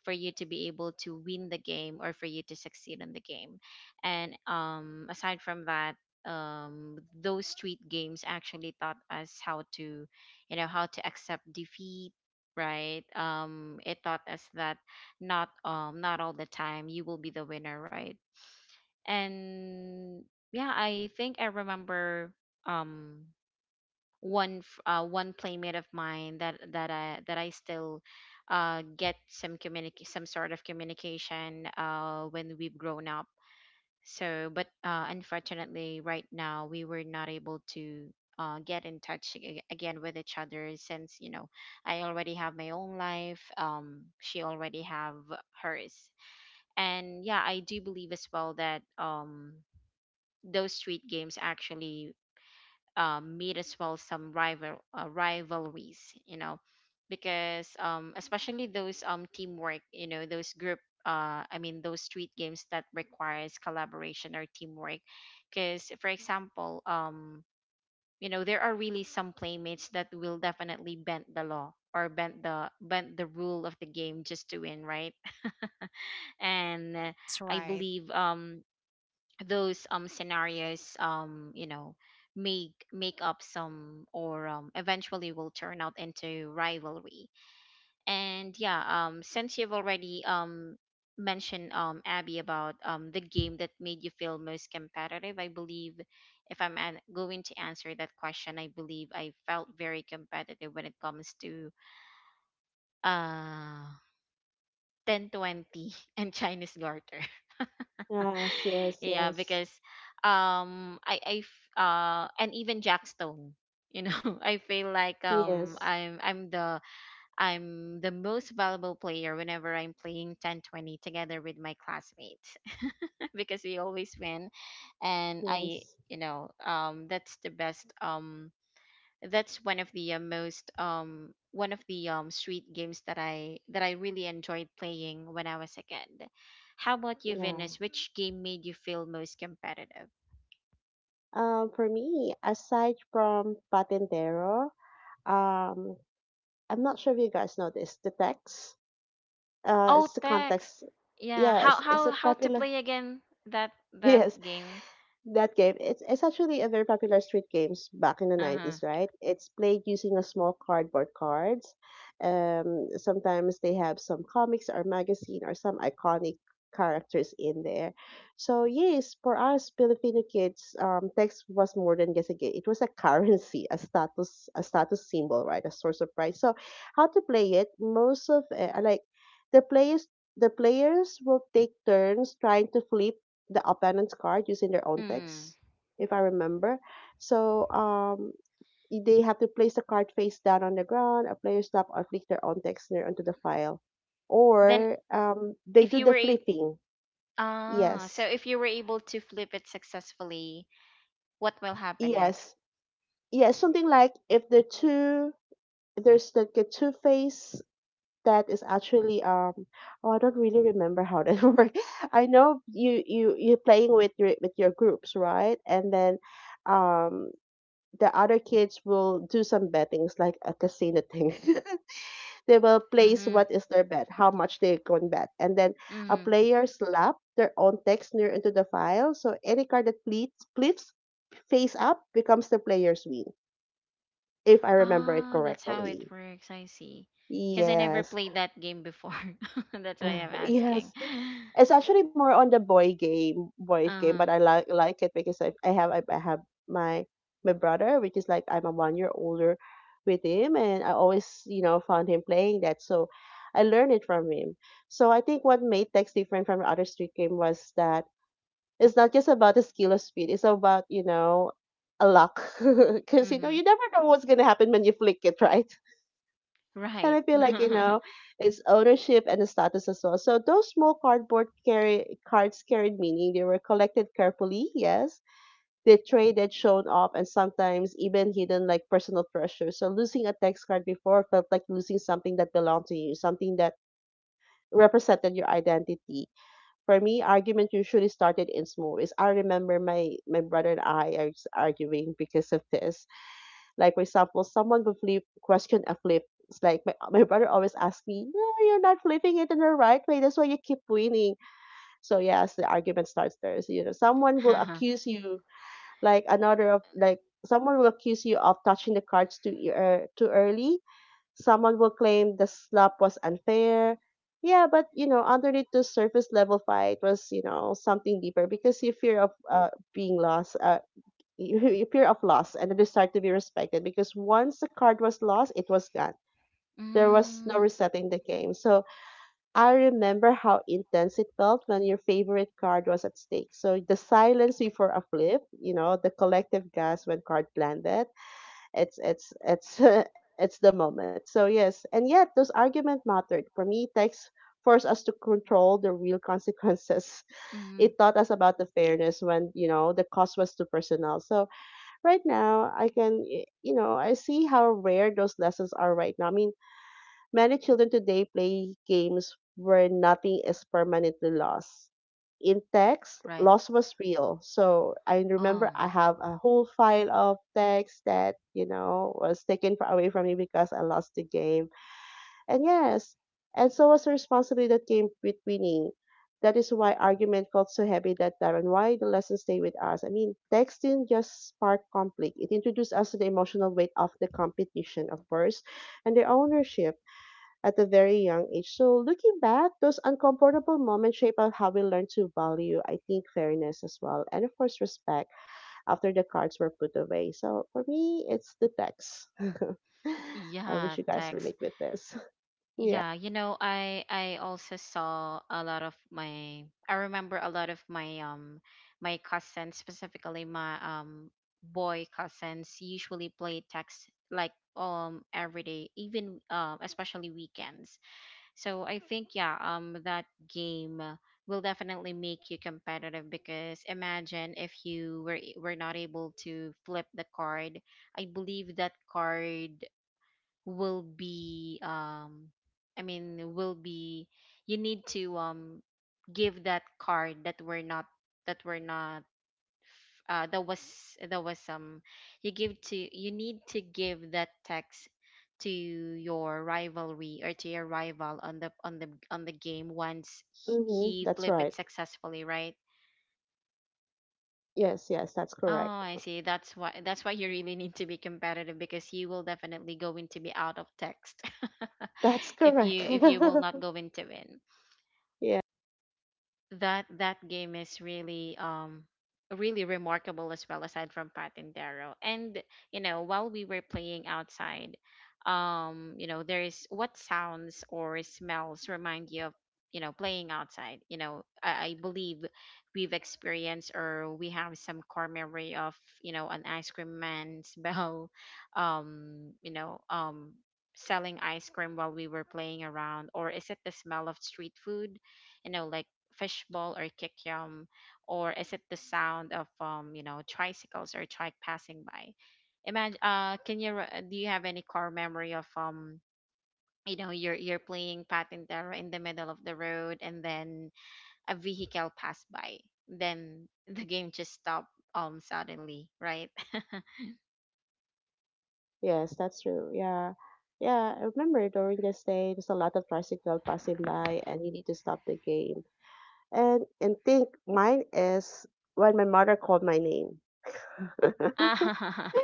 Speaker 1: for you to be able to win the game or for you to succeed in the game. And aside from that, those street games actually taught us how to, you know, how to accept defeat, right? It taught us that not all the time you will be the winner, right? And yeah, I think I remember, um one one playmate of mine that I still get some communic some sort of communication when we've grown up. So but unfortunately right now we were not able to get in touch again with each other, since you know I already have my own life, she already have hers. And yeah, I do believe as well that those street games actually made as well some rivalries, you know, because especially those teamwork, you know, those group, those street games that requires collaboration or teamwork, because for example you know, there are really some playmates that will definitely bend the law or bend the rule of the game just to win, right? And
Speaker 3: That's
Speaker 1: I
Speaker 3: right.
Speaker 1: believe those scenarios, you know, make up some, or eventually will turn out into rivalry. And yeah, since you've already mentioned, Abby, about the game that made you feel most competitive, I believe if going to answer that question, I believe I felt very competitive when it comes to uh 1020 and Chinese garter.
Speaker 2: yes, yes,
Speaker 1: Yeah,
Speaker 2: yes,
Speaker 1: because and even Jackstone, you know, I feel like
Speaker 2: yes,
Speaker 1: I'm the most valuable player whenever I'm playing 10-20 together with my classmates because we always win. And I,
Speaker 2: yes.
Speaker 1: you know, that's the best um, that's one of the most one of the street games that I really enjoyed playing when I was a kid. How about you,
Speaker 2: Yeah,
Speaker 1: Venus? Which game made you feel most competitive?
Speaker 2: for me, aside from patentero, um, I'm not sure if you guys know this. The text,
Speaker 1: Oh,
Speaker 2: it's the
Speaker 1: text.
Speaker 2: context.
Speaker 1: Yeah.
Speaker 2: Yes, it's a
Speaker 1: How to
Speaker 2: popular.
Speaker 1: play again that
Speaker 2: Yes,
Speaker 1: game?
Speaker 2: that game, it's actually a very popular street games back in the
Speaker 1: Uh huh.
Speaker 2: 90s, right? It's played using a small cardboard cards. Sometimes they have some comics or magazine or some iconic characters in there. So yes, for us Filipino kids, text was more than just a game. It was a currency, a status symbol, right? A source of pride. So how to play it? Most of like the players the players will take turns trying to flip the opponent's card using their own
Speaker 1: Mm.
Speaker 2: text, if I remember. So they have to place the card face down on the ground. A player stop or flick their own text near onto the file,
Speaker 1: Then
Speaker 2: or they
Speaker 1: if
Speaker 2: do
Speaker 1: you
Speaker 2: the
Speaker 1: were a
Speaker 2: flipping.
Speaker 1: ah, so
Speaker 2: Yes,
Speaker 1: if you were able to flip it successfully, what will happen next?
Speaker 2: yes, yes. Something like if the two, if there's like a two face, that is actually um, oh, I don't really remember how that works. I know you're playing with your groups, right, and then um the other kids will do some bettings like a casino thing. They will place
Speaker 1: Mm-hmm.
Speaker 2: what is their bet, how much they can bet. And then a player slap their own text near into the file. So any card that flips, flips face up becomes the player's win, if I remember it
Speaker 1: Ah, that's how it
Speaker 2: correctly.
Speaker 1: works. I see. Because I never
Speaker 2: Yes.
Speaker 1: played that game before. That's why I'm
Speaker 2: Yes.
Speaker 1: asking.
Speaker 2: It's actually more on the boy game, boyish
Speaker 1: Uh
Speaker 2: game, but I
Speaker 1: huh.
Speaker 2: like it because I have I have my my brother, which is like I'm a 1 year older with him, and I always, you know, found him playing that, so I learned it from him. So I think what made Tex different from other street game was that it's not just about the skill of speed; it's about, you know, a luck, because you know
Speaker 1: Mm-hmm.
Speaker 2: you never know what's gonna happen when you flick it, right? And I
Speaker 1: Right.
Speaker 2: feel like, you
Speaker 1: mm-hmm.
Speaker 2: know, it's ownership and the status as well. So those small cardboard carry cards carried meaning. They were collected carefully, yes. They traded, shown off, and sometimes even hidden like personal treasure. So losing a text card before felt like losing something that belonged to you, something that represented your identity. For me, argument usually started in small ways. I remember my brother and I are arguing because of this. Like, for example, someone will flip, question a flip. It's like my brother always asks me, "No, you're not flipping it in the right way. That's why you keep winning." So yes, the argument starts there. So, you know, someone will accuse you, like another of like, someone will accuse you of touching the cards too early. Someone will claim the slap was unfair. Yeah, but you know, underneath the surface level fight was, you know, something deeper because you fear of being lost. You your fear of loss and the desire to be respected because once the card was lost, it was gone. There was no resetting the game. So I remember how intense it felt when your favorite card was at stake. So the silence before a flip, you know, the collective gasp when card landed, it's it's the moment. So yes, and yet those arguments mattered. For me, text forced us to control the real consequences.
Speaker 1: Mm-hmm,
Speaker 2: It taught us about the fairness when, you know, the cost was too personal. So right now I can you know, I see how rare those lessons are right now. I mean, many children today play games where nothing is permanently lost. In text,
Speaker 1: right.
Speaker 2: loss was real. So I remember I
Speaker 1: Um.
Speaker 2: have a whole file of text that, you know, was taken away from me because I lost the game. And yes, and so was the responsibility that came with winning. That is why argument felt so heavy that time and why the lessons stay with us. I mean, texting just sparked conflict. It introduced us to the emotional weight of the competition, of course, and the ownership at a very young age. So looking back, those uncomfortable moments shape out how we learn to value, I think, fairness as well. And of course, respect after the cards were put away. So for me, it's the text. I wish
Speaker 1: Yeah.
Speaker 2: you guys
Speaker 1: Text.
Speaker 2: relate with this. Yeah.
Speaker 1: Yeah, you know, I also saw a lot of my I remember a lot of my my cousins, specifically my boy cousins, usually play text like every day, even um, especially weekends. So I think yeah, um, that game will definitely make you competitive because imagine if you were not able to flip the card. I believe that card will be will be, you need to give that card that were not that were not that was that was um, you need to give that text to your rivalry or to your rival on the on the on the game, once
Speaker 2: Mhm.
Speaker 1: he
Speaker 2: That's
Speaker 1: flip
Speaker 2: right.
Speaker 1: it successfully, right?
Speaker 2: Yes, yes, that's
Speaker 1: Oh,
Speaker 2: correct.
Speaker 1: I see. That's why you really need to be competitive, because you will definitely going to be out of text.
Speaker 2: That's
Speaker 1: If
Speaker 2: correct.
Speaker 1: you, if you will not go into it,
Speaker 2: Yeah.
Speaker 1: that that game is really really remarkable as well, aside from Patintero. And you know, while we were playing outside, you know, there is what sounds or smells remind you of, you know, playing outside. You know, I believe we've experienced or we have some core memory of, you know, an ice cream man's bell, you know, um, selling ice cream while we were playing around. Or is it the smell of street food, you know, like fishbowl or kikyam, or is it the sound of you know, tricycles or trike passing by? Imagine, can you re- do you have any core memory of you know, you're playing patintero in the middle of the road, and then a vehicle passed by, then the game just stopped um, suddenly, right?
Speaker 2: Yes, that's true. Yeah. Yeah, I remember during this day there's a lot of tricycle passing by and you need to stop the game. And think mine is when my mother called my name.
Speaker 1: Ah,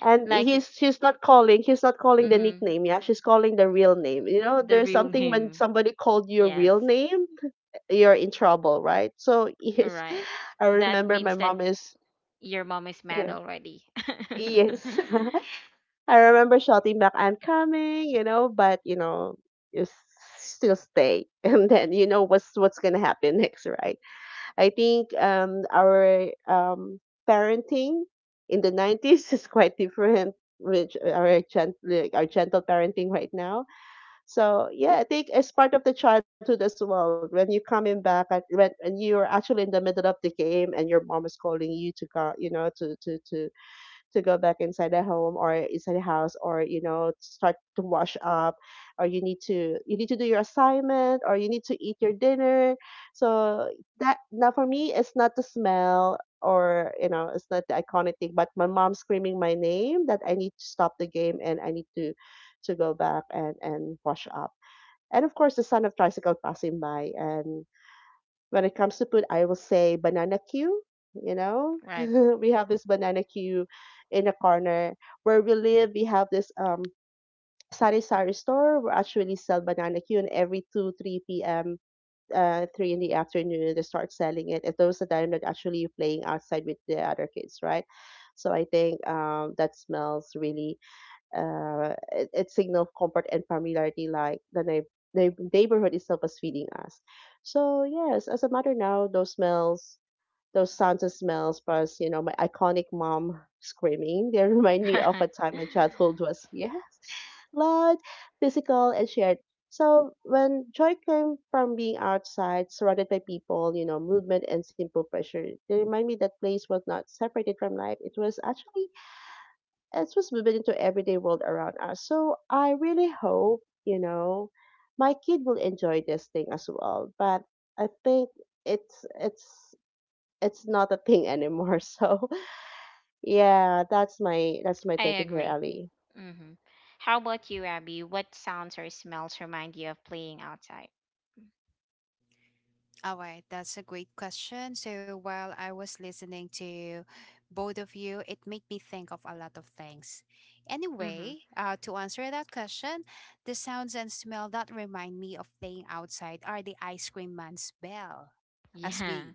Speaker 2: And
Speaker 1: like
Speaker 2: he's she's not calling, he's not calling the
Speaker 1: mm,
Speaker 2: nickname, yeah. She's calling the real name. You know,
Speaker 1: the
Speaker 2: there's
Speaker 1: real
Speaker 2: something when
Speaker 1: name,
Speaker 2: somebody called your
Speaker 1: yes,
Speaker 2: real name, you're in trouble, right? So
Speaker 1: all
Speaker 2: yes,
Speaker 1: right.
Speaker 2: I
Speaker 1: That
Speaker 2: remember my
Speaker 1: means that
Speaker 2: mom is,
Speaker 1: your mom is mad
Speaker 2: yeah.
Speaker 1: already.
Speaker 2: Yes. I remember shouting back, I'm coming, you know, but you know, you s- still stay. And then you know what's gonna happen next, right? I think our parenting in the 90s is quite different with our like our gentle parenting right now. So yeah, I think it's part of the childhood as well. When you're coming back at when and you're actually in the middle of the game and your mom is calling you to go, to go back inside the home or inside the house, or start to wash up, or you need to do your assignment, or you need to eat your dinner. So that now for me, it's not the smell, or it's not the iconic thing, but my mom screaming my name that I need to stop the game and I need to go back and wash up. And of course the sound of tricycle passing by. And when it comes to food, I will say banana queue. You know,
Speaker 1: Right,
Speaker 2: we have this banana queue in a corner where we live. We have this sari sari store where actually sell banana queue, and every 2-3 p.m. Three in the afternoon they start selling it. At those the time that actually you're playing outside with the other kids, right? So I think that smells really, it signaled comfort and familiarity, like the neighborhood itself was feeding us. So yes, as a mother now, those smells, those sounds and smells, plus you know my iconic mom screaming, they remind me of a
Speaker 1: right.
Speaker 2: time my childhood was, yes, loud, physical, and shared. So when joy came from being outside, surrounded by people, you know, movement and simple pressure, they remind me that place was not separated from life. It was actually, it's just moving into everyday world around us. So I really hope, you know, my kid will enjoy this thing as well. But I think it's it's it's not a thing anymore. So yeah, that's my
Speaker 1: I
Speaker 2: take in here,
Speaker 1: agree.
Speaker 2: Ellie.
Speaker 1: Hmm. How about you, Abby? What sounds or smells remind you of playing outside?
Speaker 3: All right, that's a great question. So while I was listening to both of you, it made me think of a lot of things.
Speaker 1: Hmm.
Speaker 3: Anyway, to answer that question, the sounds and smell that remind me of playing outside are the ice cream man's bell, as
Speaker 1: Yeah,
Speaker 3: we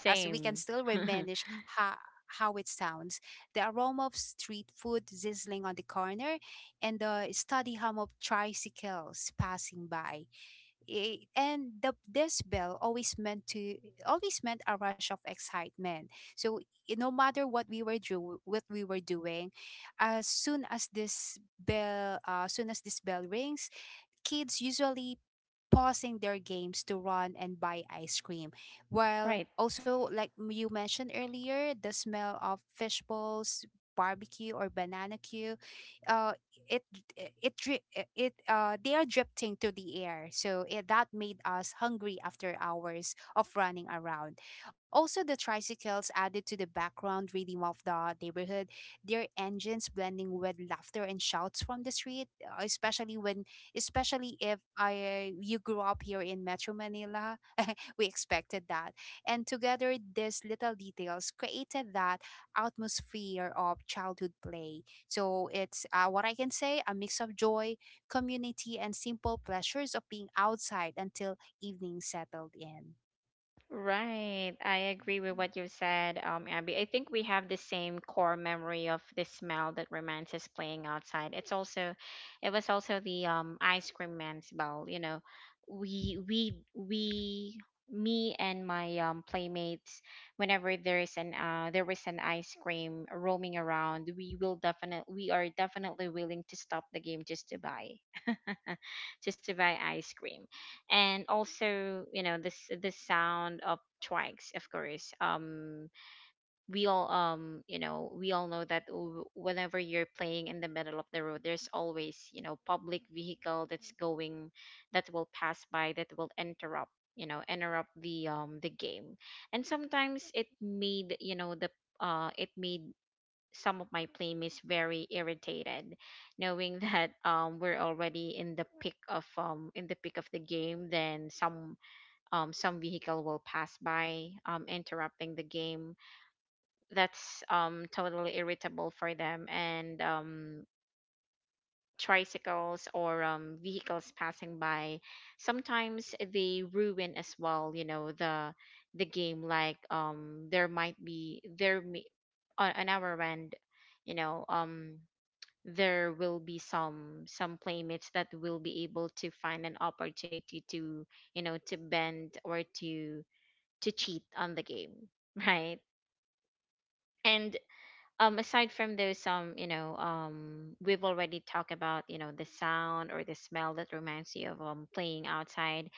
Speaker 3: as we can still reminisce how how it sounds. The aroma of street food sizzling on the corner, and the steady hum of tricycles passing by, I- and the this bell always meant to always meant a rush of excitement. So no matter what we were doing, as soon as this bell rings, kids usually pausing their games to run and buy ice cream. While
Speaker 1: right.
Speaker 3: also, like, you mentioned earlier, the smell of fish balls, barbecue, or banana cue, uh it it dri- it they are drifting through the air. So that made us hungry after hours of running around. Also, the tricycles added to the background rhythm of the neighborhood, their engines blending with laughter and shouts from the street. Uh, especially when especially if I you grew up here in Metro Manila, we expected that. And together, these little details created that atmosphere of childhood play. So it's what I can say, a mix of joy, community, and simple pleasures of being outside until evening settled in.
Speaker 1: Right. I agree with what you said, Abby. I think we have the same core memory of the smell that reminds us playing outside. It's also it was also the ice cream man smell, you know. We, me and my playmates, whenever there is an ice cream roaming around, we will definitely we are definitely willing to stop the game just to buy. Just to buy ice cream. And also, you know, this the sound of trikes, of course, um, we all um, you know, we all know that whenever you're playing in the middle of the road, there's always, you know, public vehicle that's going that will pass by that will interrupt, you know, interrupt the game. And sometimes it made, you know, the it made some of my playmates very irritated, knowing that um, we're already in the peak of in the peak of the game. Then some vehicle will pass by, um, interrupting the game. That's um, totally irritable for them. And um, tricycles or um, vehicles passing by sometimes they ruin as well, you know, the game. Like um, there might be there may, on our end, you know um, there will be some playmates that will be able to find an opportunity to, you know, to bend or to cheat on the game. Right. And aside from those um, you know um, we've already talked about, you know, the sound or the smell that reminds you of um, playing outside.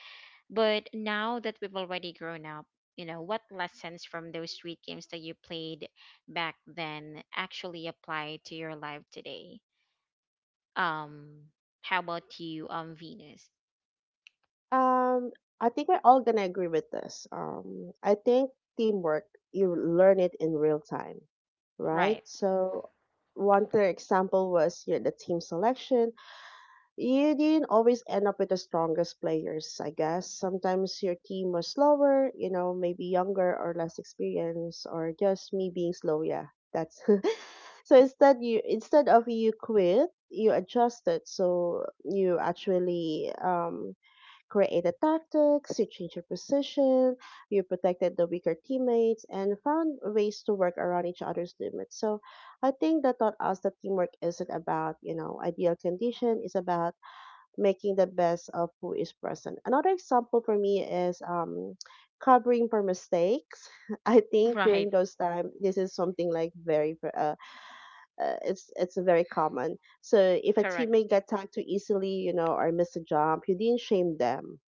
Speaker 1: But now that we've already grown up, you know, what lessons from those street games that you played back then actually apply to your life today? Um, how about you, Venus?
Speaker 2: Um I think we're all gonna agree with this. I think teamwork, you learn it in real time, right?
Speaker 1: Right,
Speaker 2: So one clear example was your the team selection. You didn't always end up with the strongest players, I guess. Sometimes your team was slower, you know, maybe younger or less experienced, or just me being slow. Yeah, that's so. Instead, you instead of you quit, you adjusted. So you actually, created tactics, you changed your position, you protected the weaker teammates, and found ways to work around each other's limits. So I think that taught us that teamwork isn't about, you know, ideal condition. It's about making the best of who is present. Another example for me is, covering for mistakes. I think during
Speaker 1: right,
Speaker 2: those time, this is something like very, it's very common. So if a
Speaker 1: correct.
Speaker 2: teammate got tagged too easily, you know, or missed a jump, you didn't shame them.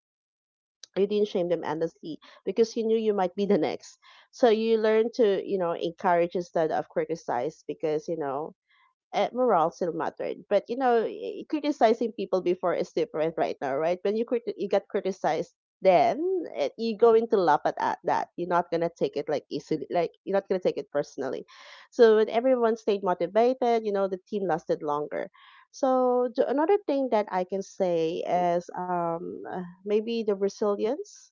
Speaker 2: You didn't shame them endlessly, because you knew you might be the next. So you learn to, you know, encourage instead of criticize, because morale still mattered. But you know, criticizing people before is different right now, right? When you get criticized, then you're going to laugh at that. You're not gonna take it like easily, like you're not gonna take it personally. So when everyone stayed motivated, you know, the team lasted longer. So another thing that I can say is, maybe the resilience.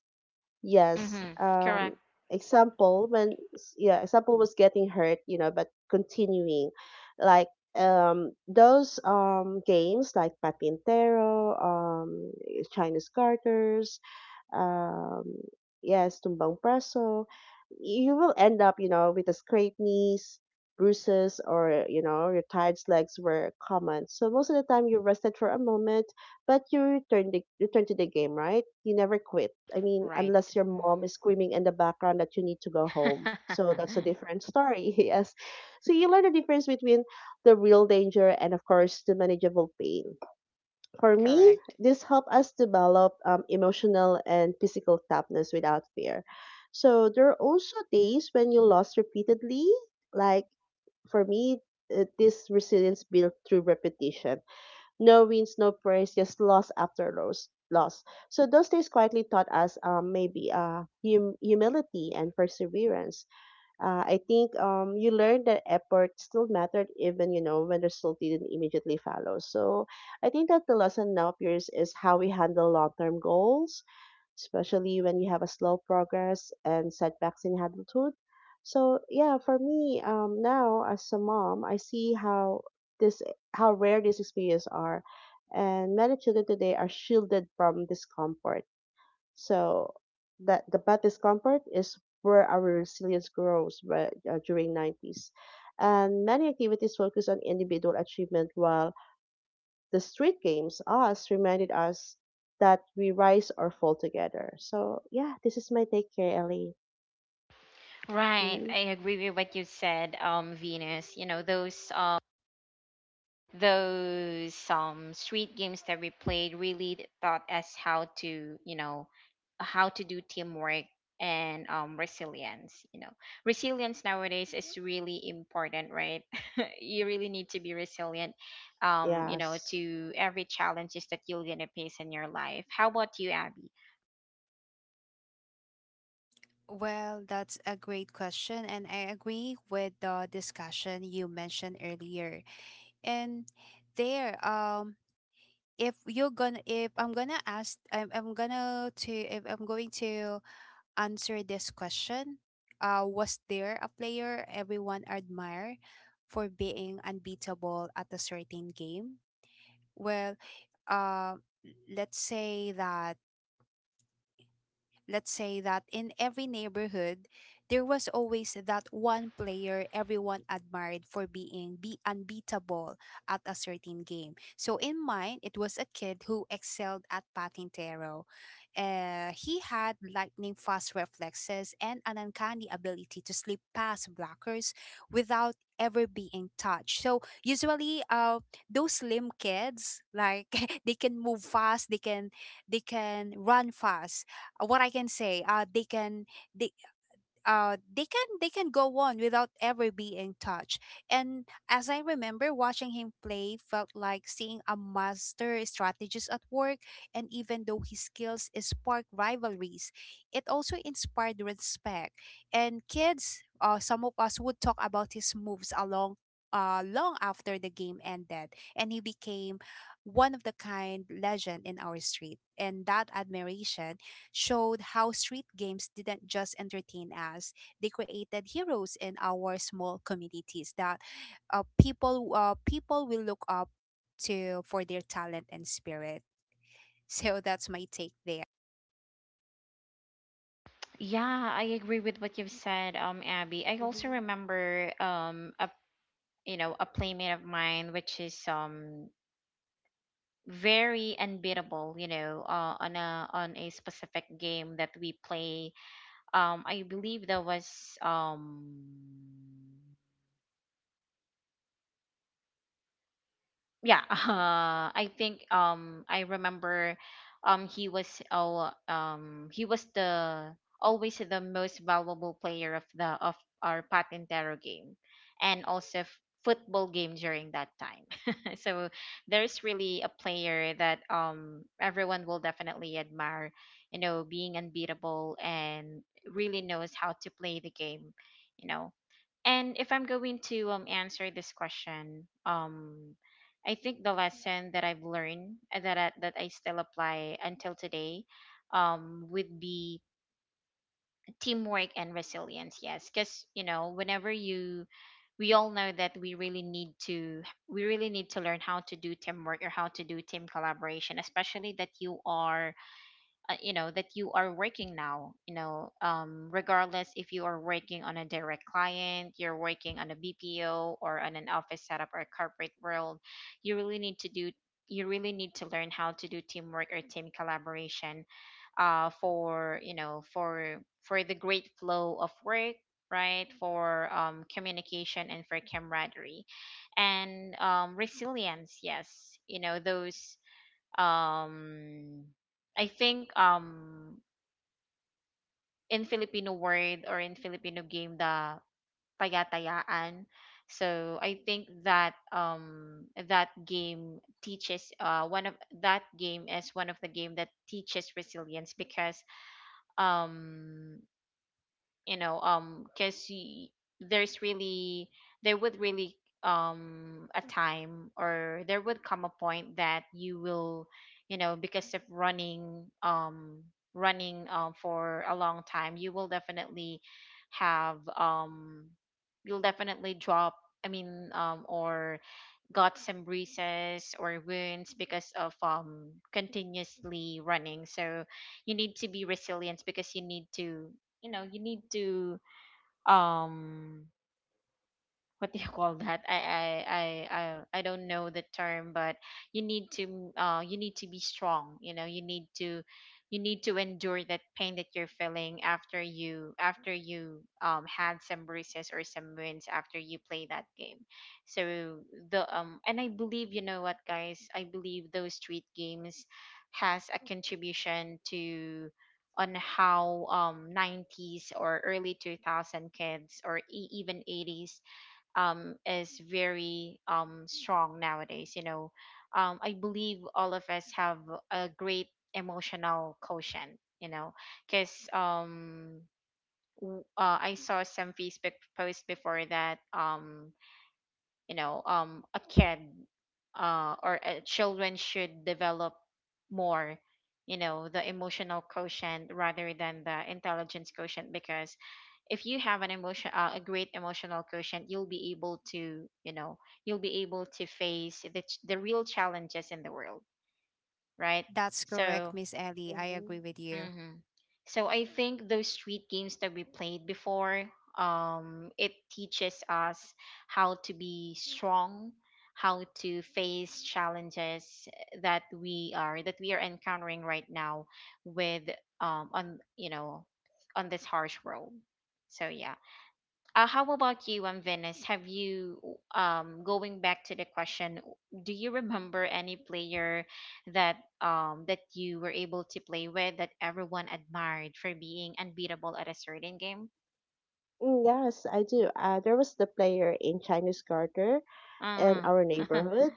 Speaker 2: Yes.
Speaker 1: Mm-hmm. Correct,
Speaker 2: Example when yeah, example was getting hurt, you know, but continuing, like those games like Patintero, Chinese garters, um, yes, tumbang preso, you will end up, you know, with a scraped knees, bruises, or, you know, your tired legs were common. So most of the time you rested for a moment, but you return, return to the game, right? You never quit. I mean,
Speaker 1: right.
Speaker 2: unless your mom is screaming in the background that you need to go home. So that's a different story, yes. So you learn the difference between the real danger and, of course, the manageable pain. For me,
Speaker 1: correct.
Speaker 2: this helped us develop, emotional and physical toughness without fear. So there are also days when you lost repeatedly. Like for me, this resilience built through repetition. No wins, no praise, just loss after loss. Loss. So those days quietly taught us, humility and perseverance. I think, you learned that effort still mattered, even you know, when the result didn't immediately follow. So I think that the lesson now appears is how we handle long term goals, especially when you have a slow progress and setbacks in adulthood. So yeah, for me, now as a mom, I see how this, how rare these experiences are, and many children today are shielded from discomfort, so that the bad discomfort is where our resilience grows during 90s. And many activities focus on individual achievement, while the street games, us, reminded us that we rise or fall together. So yeah, this is my take here, Ellie.
Speaker 1: Right,
Speaker 2: Mhm.
Speaker 1: I agree with what you said, Venus. You know, those um, street games that we played really taught us how to, you know, how to do teamwork. And um, resilience, you know, resilience nowadays is really important, right? You really need to be resilient, um, you know,
Speaker 2: Yes.
Speaker 1: to every challenges that you're gonna face in your life. How about you, Abby?
Speaker 3: Well, that's a great question, and I agree with the discussion you mentioned earlier. And there, if you're gonna, if I'm gonna ask, I'm gonna to, if I'm going to answer this question. Was there a player everyone admired for being unbeatable at a certain game? Well, uh, let's say that let's say that in every neighborhood, there was always that one player everyone admired for being be unbeatable at a certain game. So in mine, it was a kid who excelled at Patintero. He had lightning fast reflexes and an uncanny ability to slip past blockers without ever being touched. So usually, those slim kids, like, they can move fast, they can run fast. Uh, what I can say, they they can go on without ever being touched. And as I remember, watching him play felt like seeing a master strategist at work. And even though his skills sparked rivalries, it also inspired respect. And kids, some of us would talk about his moves along. Long after the game ended, and he became one of the kind legend in our street. And that admiration showed how street games didn't just entertain us, they created heroes in our small communities that people will look up to for their talent and spirit. So that's my take there.
Speaker 1: Yeah, I agree with what you've said, um, Abby. I also
Speaker 2: Hmm.
Speaker 1: remember um, a, you know, a playmate of mine which is um, very unbeatable, you know, on a specific game that we play. Um, I believe that was um, yeah, I think um, I remember um, he was oh um, he was the always the most valuable player of the of our patintero game and also football game during that time. So there's really a player that um, everyone will definitely admire, you know, being unbeatable and really knows how to play the game, you know. And if I'm going to um, answer this question, um, I think the lesson that I've learned that I still apply until today um, would be teamwork and resilience. Yes, cuz you know, whenever you we all know that we really need to we really need to learn how to do teamwork or how to do team collaboration, especially that you are you know that you are working now, you know, regardless if you are working on a direct client, you're working on a bpo or on an office setup or a corporate world. You really need to do you really need to learn how to do teamwork or team collaboration for you know for the great flow of work, right, for communication and for camaraderie, and resilience, yes, you know those. um I think, in Filipino word or in Filipino game, the taya-tayaan. So I think that that game teaches one of that game is one of the game that teaches resilience because um you know, because there's really there would really a time, or there would come a point that you will, you know, because of running, running for a long time, you will definitely have you'll definitely drop, I mean, or got some bruises or wounds because of continuously running. So you need to be resilient because you need to, you know, you need to um what do you call that? I I I don't know the term, but you need to be strong. You know, you need to endure that pain that you're feeling after you had some bruises or some wounds after you play that game. So the and I believe, you know what, guys, I believe those street games has a contribution to on how, um, 90s or early 2000 kids or even 80s, is very, strong nowadays. You know, I believe all of us have a great emotional quotient. You know, because, I saw some Facebook post before that, you know, a kid, or children should develop more, you know, the emotional quotient rather than the intelligence quotient, because if you have an emotion a great emotional quotient, you'll be able to, you know, you'll be able to face the real challenges in the world, right?
Speaker 3: That's correct,
Speaker 1: So
Speaker 3: Miss Ellie. I
Speaker 2: Hmm.
Speaker 3: agree with you.
Speaker 1: mm-hmm. So I think those street games that we played before, it teaches us how to be strong, how to face challenges that we are encountering right now with on you know on this harsh world. So yeah. How about you, Venice? Have you, going back to the question, do you remember any player that you were able to play with that everyone admired for being unbeatable at a certain game?
Speaker 2: Mm, yes, I do. There was the player in Chinese Garter in
Speaker 1: Uh
Speaker 2: our
Speaker 1: huh.
Speaker 2: neighborhood,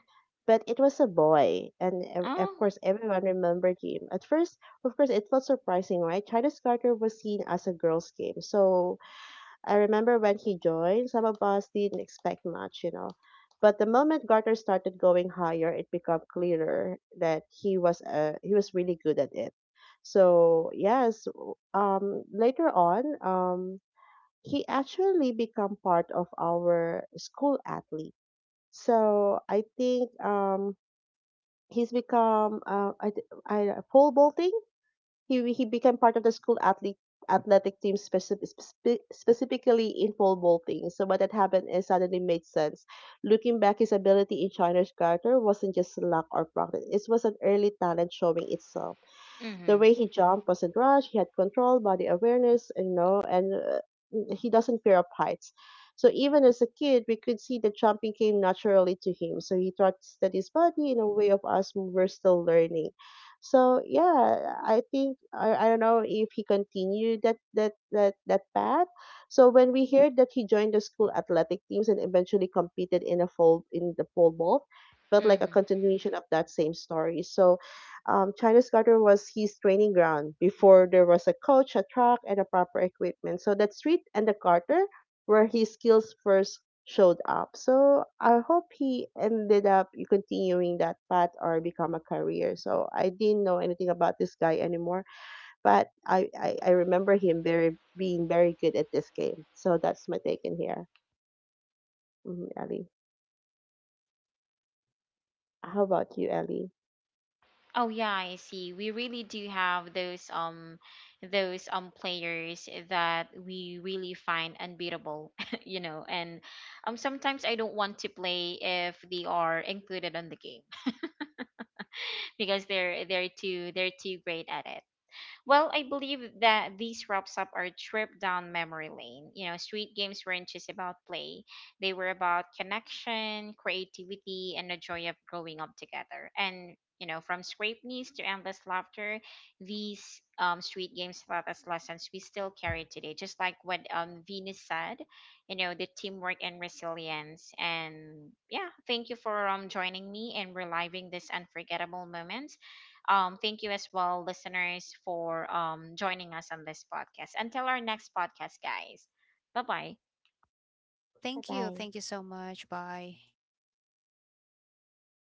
Speaker 2: but it was a boy, and of
Speaker 1: Oh.
Speaker 2: course, everyone remembered him. At first, of course, it felt surprising, right? China's Carter was seen as a girls' game, so I remember when he joined, some of us didn't expect much, you know. But the moment Garter started going higher, it became clearer that he was really good at it. So yes, later on, he actually became part of our school athlete. So I think, he's become, I, th- I pole vaulting. He became part of the school athlete athletic team specifically in pole vaulting. So what had happened is suddenly made sense. Looking back, his ability in China's garter wasn't just luck or practice. It was an early talent showing itself. The
Speaker 1: Mhm.
Speaker 2: way he jumped wasn't rushed. He had control, body awareness, and you know, and, he doesn't fear of heights. So even as a kid, we could see that jumping came naturally to him. So he trusted his body in a way of us who were still learning. So yeah, I think I don't know if he continued that path. So when we heard that he joined the school athletic teams and eventually competed in a full in the pole vault, felt like a
Speaker 1: Mhm.
Speaker 2: continuation of that same story. So China's garter was his training ground before there was a coach, a track, and a proper equipment. So that street and the Carter were his skills first showed up. So I hope he ended up continuing that path or become a career. So I didn't know anything about this guy anymore, but I remember him very being very good at this game. So that's my take in here, Mhm, Ellie. How about you, Ellie?
Speaker 1: Oh yeah, I see. We really do have those those players that we really find unbeatable, you know. And sometimes I don't want to play if they are included on the game because they're too great at it. Well, I believe that this wraps up our trip down memory lane. You know, street games weren't just about play, they were about connection, creativity, and the joy of growing up together. And, you know, from scraped knees to endless laughter, these, street games taught us lessons we still carry today. Just like what, Venus said, you know, the teamwork and resilience. And yeah, thank you for, joining me and reliving these unforgettable moments. Thank you as well, listeners, for, joining us on this podcast. Until our next podcast, guys. Bye bye.
Speaker 2: Bye
Speaker 3: Thank you.
Speaker 2: bye.
Speaker 3: Thank you so much. Bye.